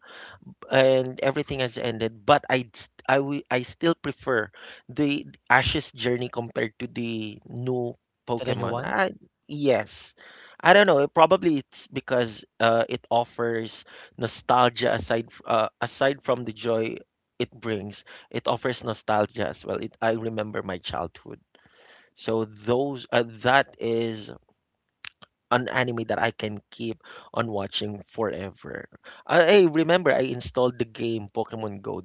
A: and everything has ended, but I still prefer the Ash's journey compared to the new
B: to the new
A: Pokemon.
B: one.
A: I Yes, I don't know, it probably it's because it offers nostalgia aside aside from the joy it brings. It offers nostalgia as well. I remember my childhood. So those that is an anime that I can keep on watching forever. I remember I installed the game Pokemon Go.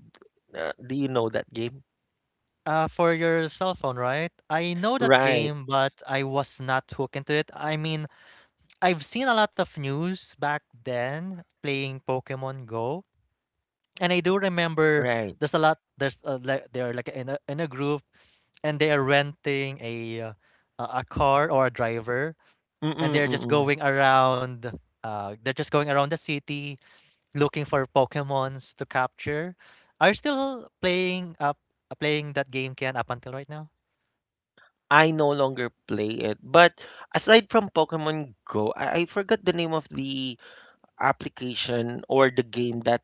A: Do you know that game?
B: For your cell phone, right? I know that
A: Right,
B: game, but I was not hooked into it. I mean, I've seen a lot of news back then playing Pokemon Go, and I do remember
A: right.
B: there's a lot. There's like they're like in a group, and they are renting a, a car or a driver, and
A: Mm-mm,
B: they're just
A: mm-mm.
B: going around they're just going around the city looking for pokemons to capture. Are you still playing that game, Kian, up until right now?
A: I no longer play it. But aside from Pokemon Go, I forgot the name of the application or the game that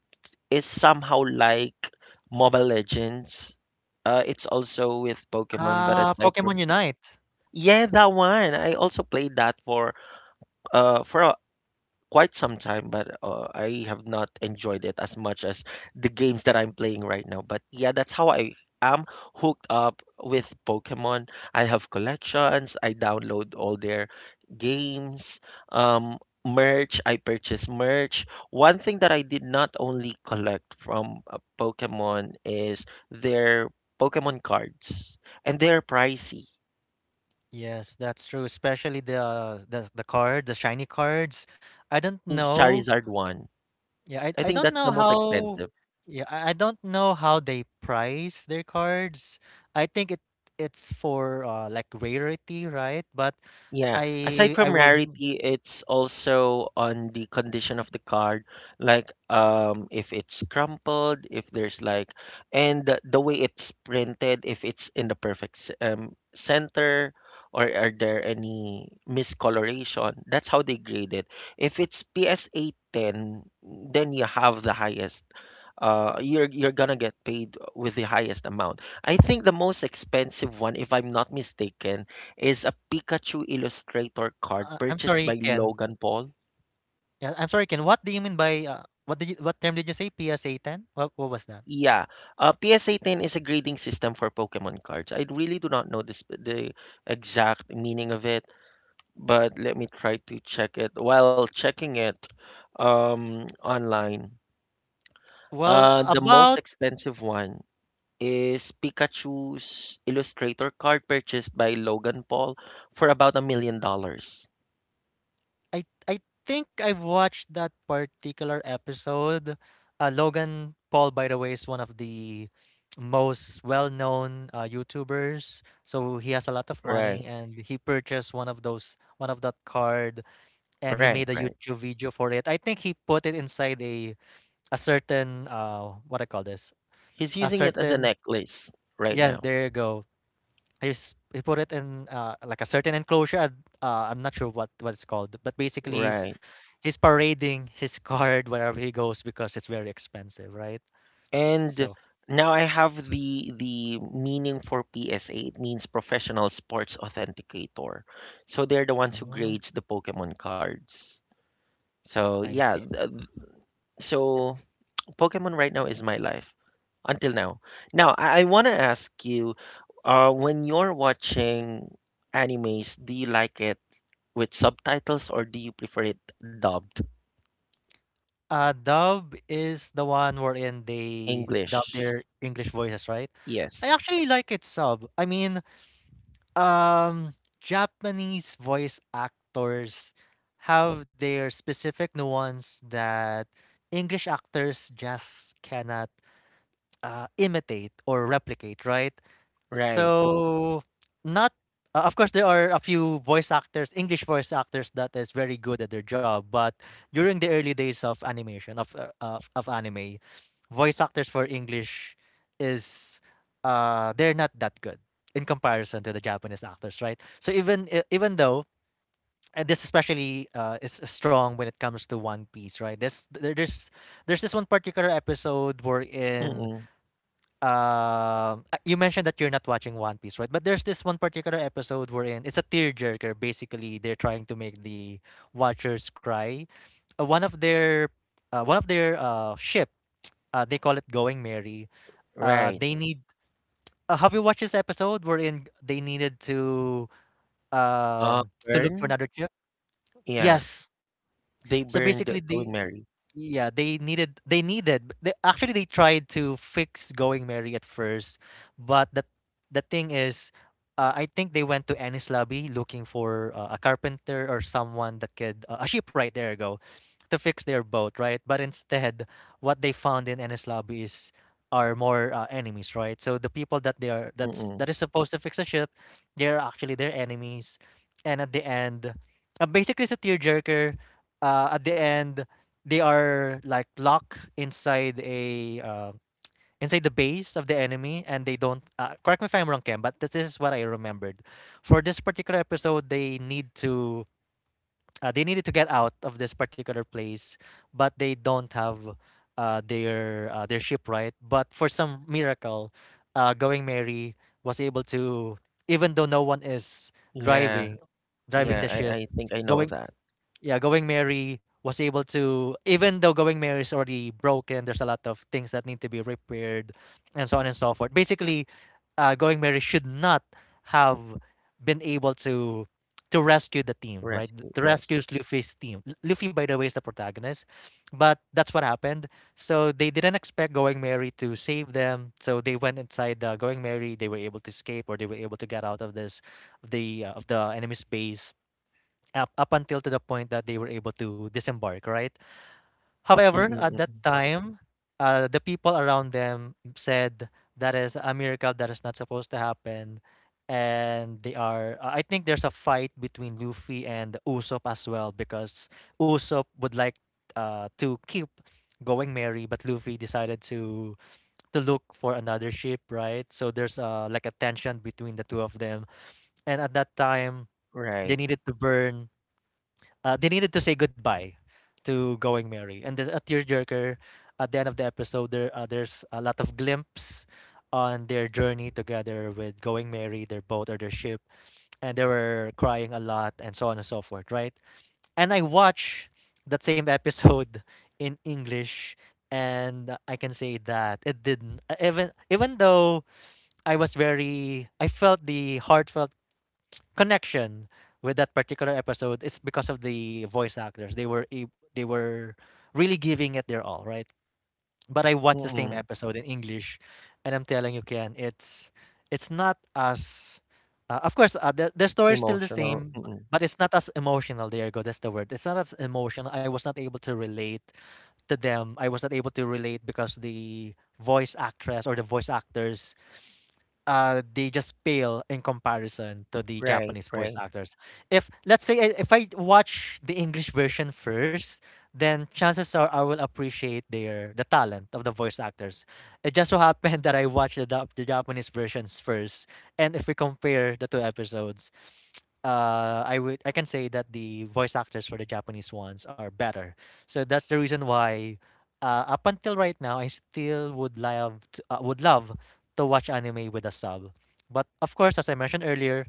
A: is somehow like Mobile Legends. It's also with Pokemon, but
B: Ah,
A: aside
B: Pokemon
A: from
B: Unite.
A: yeah, that one, I also played that for uh for quite some time, but I have not enjoyed it as much as the games that I'm playing right now. But yeah, that's how I am hooked up with Pokemon. I have collections, I download all their games, um, merch, I purchase merch. One thing that I did not only collect from Pokemon is their Pokemon cards, and they're pricey.
B: Yes, that's true, especially the card, the shiny cards.
A: The
B: I don't
A: shiny
B: know.
A: Charizard one.
B: Yeah, i,
A: I
B: I
A: think
B: don't
A: that's
B: know
A: the most
B: how.
A: expensive.
B: Yeah, I don't know how they price their cards. I think it's for like rarity, right, but
A: Yeah, aside
B: I I
A: from
B: will
A: rarity, it's also on the condition of the card, like if it's crumpled, if there's like and the way it's printed, if it's in the perfect center, or are there any miscoloration. That's how they grade it. If it's PSA 10, then you have the highest you're gonna get paid with the highest amount. I think the most expensive one, if I'm not mistaken, is a Pikachu Illustrator card
B: I'm
A: purchased
B: sorry,
A: by
B: Ken.
A: Logan Paul.
B: Yeah, I'm sorry, Ken. What do you mean by, what did you, what term did you say? PSA 10? What was that?
A: Yeah, PSA 10 is a grading system for Pokemon cards. I really do not know this, the exact meaning of it, but let me try to check it. While checking it online,
B: Well,
A: the most
B: about.
A: expensive one is Pikachu's Illustrator card purchased by Logan Paul for about $1 million.
B: I think I've watched that particular episode. Logan Paul, by the way, is one of the most well-known YouTubers. So he has a lot of
A: Right,
B: money, and he purchased one of that card, and he
A: right,
B: made a
A: right.
B: YouTube video for it. I think he put it inside a certain, what I call this
A: He's
B: a
A: using it as a
B: certain.
A: necklace right
B: Yes,
A: now.
B: there you go. He put it in, like a certain enclosure. I'm not sure what it's called, but basically
A: Right.
B: he's parading his card wherever he goes because it's very expensive, right?
A: And
B: So
A: now I have the meaning for PSA. It means Professional Sports Authenticator. So they're the ones who
B: mm,
A: grades the Pokemon cards. So
B: I
A: yeah,
B: see.
A: so Pokemon right now is my life until now. Now I want to ask you, when you're watching animes, do you like it with subtitles or do you prefer it dubbed?
B: Dub is the one wherein they dub
A: English?
B: their English voices, right? I
A: Yes.
B: actually like it sub. I mean, Um, Japanese voice actors have their specific nuance that English actors just cannot imitate or replicate, right?
A: Right.
B: So not, of course there are a few voice actors, English voice actors that is very good at their job, but during the early days of animation of anime, voice actors for English is, they're not that good in comparison to the Japanese actors, right? So even even though, and this especially is strong when it comes to One Piece, right? There's there- there's this one particular episode
A: Mm-mm.
B: wherein, you mentioned that you're not watching One Piece, right? But there's this one particular episode we're in. It's a tearjerker. Basically, they're trying to make the watchers cry. One of their, ship. They call it Going Merry.
A: Right.
B: They need. Have you watched this episode wherein they needed to
A: Uh,
B: um to look for another ship?
A: yeah,
B: Yes.
A: they
B: So
A: burned
B: basically, the
A: Going Merry.
B: yeah, actually they tried to fix Going Merry at first, but the thing is, I think they went to Anis Lobby looking for, a carpenter or someone that could, a shipwright. There you go, to fix their boat, right? But instead, what they found in Anis Lobby is are more enemies, right? So the people that they are that's
A: Mm-mm.
B: that is supposed to fix a ship, they're actually their enemies. And at the end, basically it's a tearjerker. At the end they are like locked inside a, inside the base of the enemy, and they don't, correct me if I'm wrong, Ken, but this is what I remembered for this particular episode. They need to they needed to get out of this particular place, but they don't have, their ship, right, but for some miracle, Going Mary was able to, even though no one is
A: Yeah,
B: driving driving the ship.
A: I think I know
B: going
A: that.
B: yeah, Going Merry was able to, even though Going Merry is already broken, there's a lot of things that need to be repaired, and so on and so forth. Basically, Going Merry should not have been able to rescue the team, right?
A: Rescue,
B: To rescue
A: yes.
B: Luffy's team. Luffy, by the way, is the protagonist, but that's what happened. So they didn't expect Going Merry to save them. So they went inside the Going Merry. They were able to escape, or they were able to get out of this, the of the enemy's base, up until to the point that they were able to disembark, right? However,
A: Mm-mm,
B: at that
A: mm.
B: time, the people around them said that is a miracle that is not supposed to happen. And they are, I think there's a fight between Luffy and Usopp as well because Usopp would like, to keep Going Merry, but Luffy decided to look for another ship, right? So there's, like a tension between the two of them. And at that time, they
A: Right.
B: needed to burn, they needed to say goodbye to Going Merry. And there's a tearjerker at the end of the episode. There, there's a lot of glimpse on their journey together with Going Merry, their boat or their ship, and they were crying a lot and so on and so forth, right? And I watched that same episode in English. And I can say that it didn't even even though I was very I felt the heartfelt connection with that particular episode is because of the voice actors. They were they were really giving it their all, right? But I watched the same
A: Mm-mm.
B: episode in English, and I'm telling you, Ken, it's not as, of course, the story is still the
A: Emotional.
B: same,
A: Mm-mm.
B: but it's not as emotional. There you go. That's the word. It's not as emotional. I was not able to relate to them. I was not able to relate because the voice actress or the voice actors, they just pale in comparison to the
A: Right,
B: Japanese voice
A: right.
B: actors. If let's say, if I watch the English version first, then chances are I will appreciate the talent of the voice actors. It just so happened that I watched the Japanese versions first, and if we compare the two episodes, I can say that the voice actors for the Japanese ones are better. So that's the reason why, up until right now, I still would love to watch anime with a sub. But of course, as I mentioned earlier,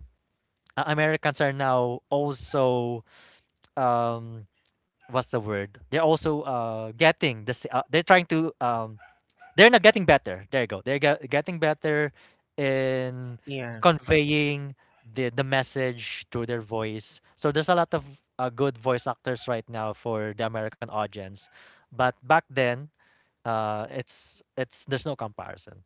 B: Americans are now also um, what's the word? They're also they're trying to they're not getting better. There you go. They're getting better in
A: Yeah,
B: conveying the message through their voice. So there's a lot of good voice actors right now for the American audience, but back then, it's there's no comparison.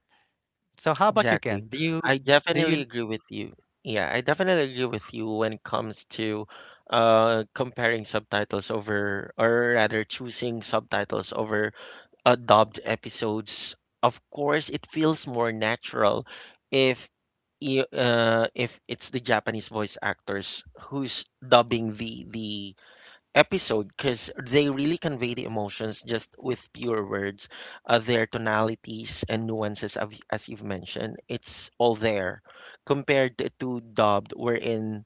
B: So how about you, Ken?
A: exactly.
B: Do you
A: I
B: d- do you?
A: definitely agree with you. Yeah, I definitely agree with you when it comes to comparing subtitles over, or rather choosing subtitles over dubbed episodes, of course, it feels more natural if if it's the Japanese voice actors who's dubbing the episode because they really convey the emotions just with pure words, their tonalities and nuances of, as you've mentioned, it's all there compared to dubbed wherein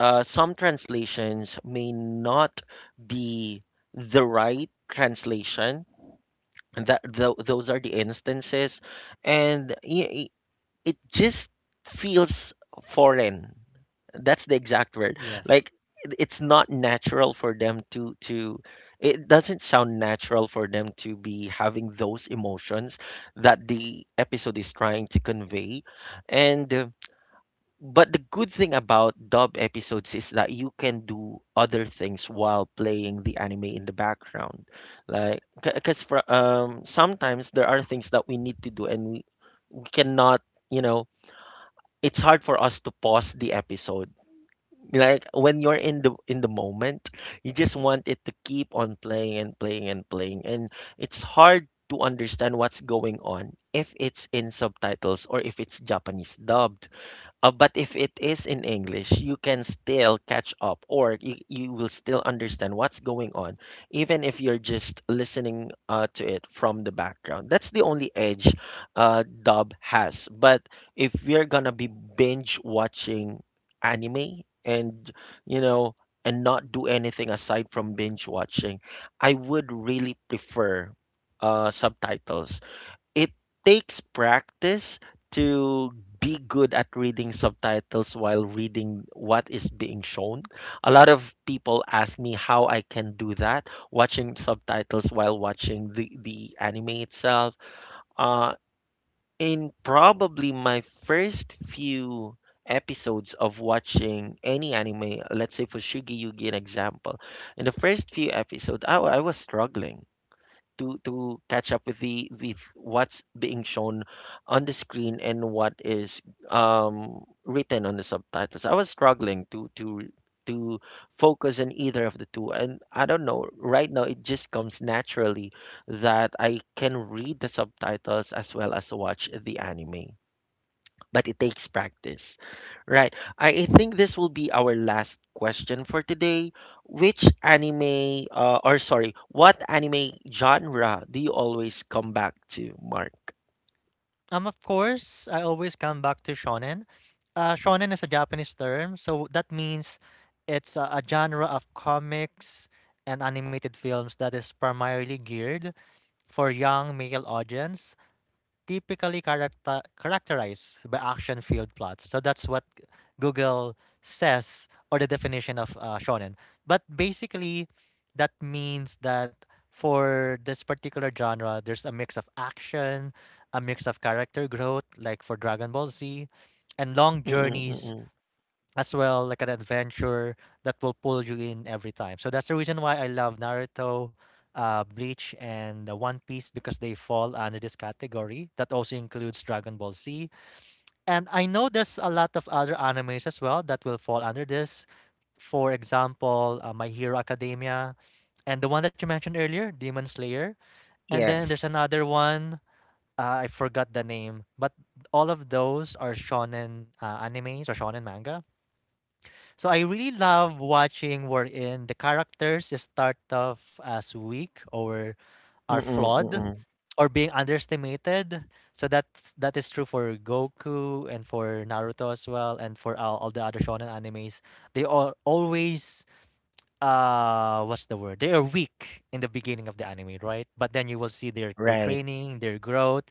A: some translations may not be the right translation, and those are the instances, and it just feels foreign, that's the exact word,
B: Yes.
A: like it's not natural for them to it doesn't sound natural for them to be having those emotions that the episode is trying to convey. And but the good thing about dub episodes is that you can do other things while playing the anime in the background. Like, because for sometimes there are things that we need to do and we cannot, you know, it's hard for us to pause the episode. Like when you're in the moment, you just want it to keep on playing and playing and playing, and it's hard to understand what's going on if it's in subtitles or if it's Japanese dub. But if it is in English, you can still catch up or you will still understand what's going on, even if you're just listening to it from the background. That's the only edge dub has. But if you're gonna be binge watching anime and, you know, and not do anything aside from binge watching, I would really prefer subtitles. It takes practice to be good at reading subtitles while reading what is being shown. A lot of people ask me how I can do that, watching subtitles while watching the anime itself. Uh, in probably my first few episodes of watching any anime, let's say for Shigi Yugi, an example, in the first few episodes, I was struggling to catch up with the with what's being shown on the screen and what is written on the subtitles. I was struggling to focus on either of the two, and I don't know, right now it just comes naturally that I can read the subtitles as well as watch the anime, but it takes practice. Right. I think this will be our last question for today. Which anime, or sorry, what anime genre do you always come back to, Mark?
B: Of course, I always come back to shonen. Shonen is a Japanese term, so that means it's a genre of comics and animated films that is primarily geared for young male audience typically characterized by action-filled plots. So that's what Google says, or the definition of shonen. But basically, that means that for this particular genre, there's a mix of action, a mix of character growth, like for Dragon Ball Z, and long journeys
A: Mm-mm-mm.
B: as well, like an adventure that will pull you in every time. So that's the reason why I love Naruto, Bleach, and One Piece, because they fall under this category. That also includes Dragon Ball Z. And I know there's a lot of other animes as well that will fall under this. For example, My Hero Academia, and the one that you mentioned earlier, Demon Slayer. And then there's
A: Yes.
B: another one. I forgot the name, but all of those are shonen animes, or shonen manga, so I really love watching wherein the characters start off as weak, or are flawed,
A: Mm-mm-mm.
B: or being underestimated. So that is true for Goku and for Naruto as well, and for all the other shonen animes. They are always, what's the word? They are weak in the beginning of the anime, right? But then you will see their
A: Right.
B: training, their growth,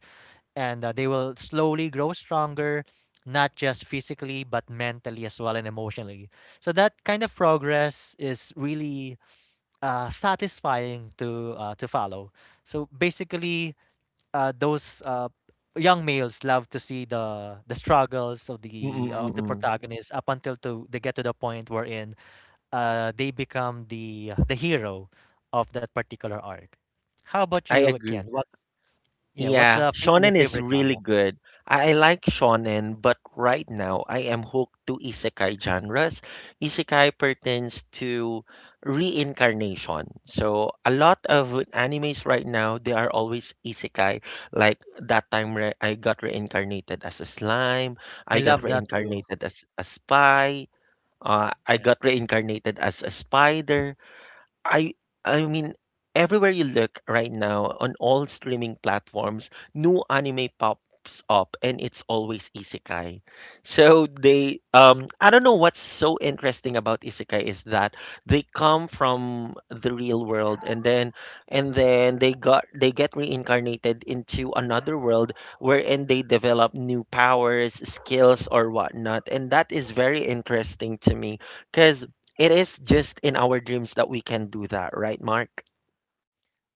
B: and they will slowly grow stronger, not just physically but mentally as well and emotionally. So that kind of progress is really satisfying to, to follow. So basically, those young males love to see the struggles of the
A: Mm-mm-mm.
B: protagonist up until to they get to the point wherein they become the hero of that particular arc. How about
A: I
B: you, Ken?
A: agree.
B: What's, yeah,
A: Yeah,
B: your
A: shonen is
B: favorite
A: really
B: genre?
A: good. I like shonen, but right now I am hooked to isekai genres. Isekai pertains to reincarnation. So a lot of animes right now, they are always isekai. Like that time re I got reincarnated as a slime,
B: I
A: I got
B: love that too.
A: reincarnated as a spy, I got
B: Yes.
A: reincarnated as a spider. I I mean everywhere you look right now on all streaming platforms, new anime pops up and it's always isekai. So they I don't know what's so interesting about isekai is that they come from the real world, and then they get reincarnated into another world wherein they develop new powers, skills, or whatnot. And that is very interesting to me because it is just in our dreams that we can do that, right, Mark?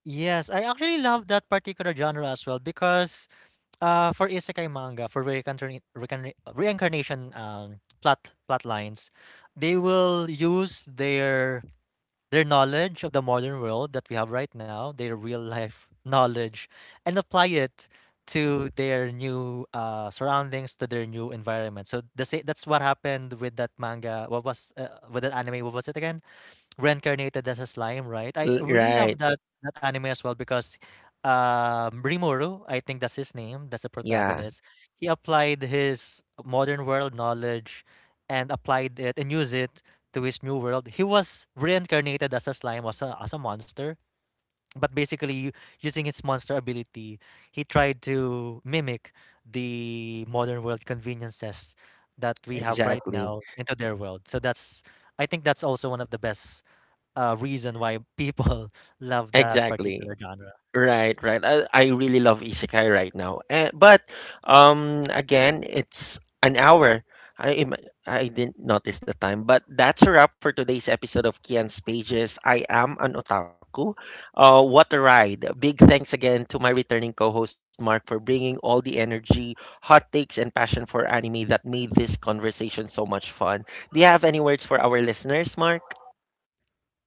B: Yes, I actually love that particular genre as well, because for isekai manga, for reincarnation plot lines, they will use their knowledge of the modern world that we have right now, their real life knowledge, and apply it to their new surroundings, to their new environment. So that's what happened with that manga. What was, with that anime? What was it again? Reincarnated as a slime, right? I
A: L-
B: really love
A: Right.
B: that anime as well, because Rimuru, I think that's his name, that's the
A: Yeah,
B: protagonist. He applied his modern world knowledge, and applied it and used it to his new world. He was reincarnated as a slime, as a monster. But basically, using his monster ability, he tried to mimic the modern world conveniences that we have right
A: exactly.
B: now into their world. So that's, I think that's also one of the best reason why people love that
A: Exactly.
B: particular genre.
A: Right, right. I really love isekai right now. Eh, but again, it's an hour. I am- I didn't notice the time, but that's a wrap for today's episode of Kian's Pages. I am an otaku. What a ride! Big thanks again to my returning co-host Mark for bringing all the energy, hot takes, and passion for anime that made this conversation so much fun. Do you have any words for our listeners, Mark?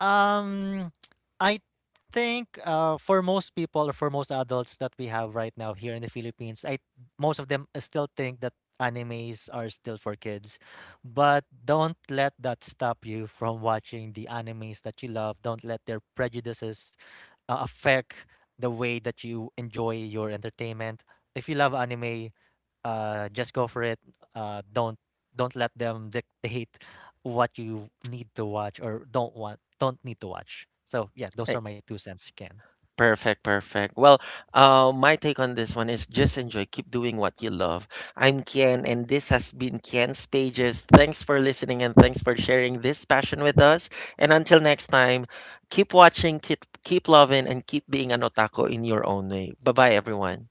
B: Um, I think, for most people or for most adults that we have right now here in the Philippines, I, most of them still think that animes are still for kids. But don't let that stop you from watching the animes that you love. Don't let their prejudices affect the way that you enjoy your entertainment. If you love anime, just go for it. Uh, don't don't let them dictate what you need to watch, or don't need to watch. So yeah, those are my two cents, Ken.
A: Perfect, perfect. Well, my take on this one is just enjoy, keep doing what you love. I'm Kian, and this has been Kian's Pages. Thanks for listening and thanks for sharing this passion with us. And until next time, keep watching, keep loving, and keep being an otaku in your own way. Bye bye, everyone.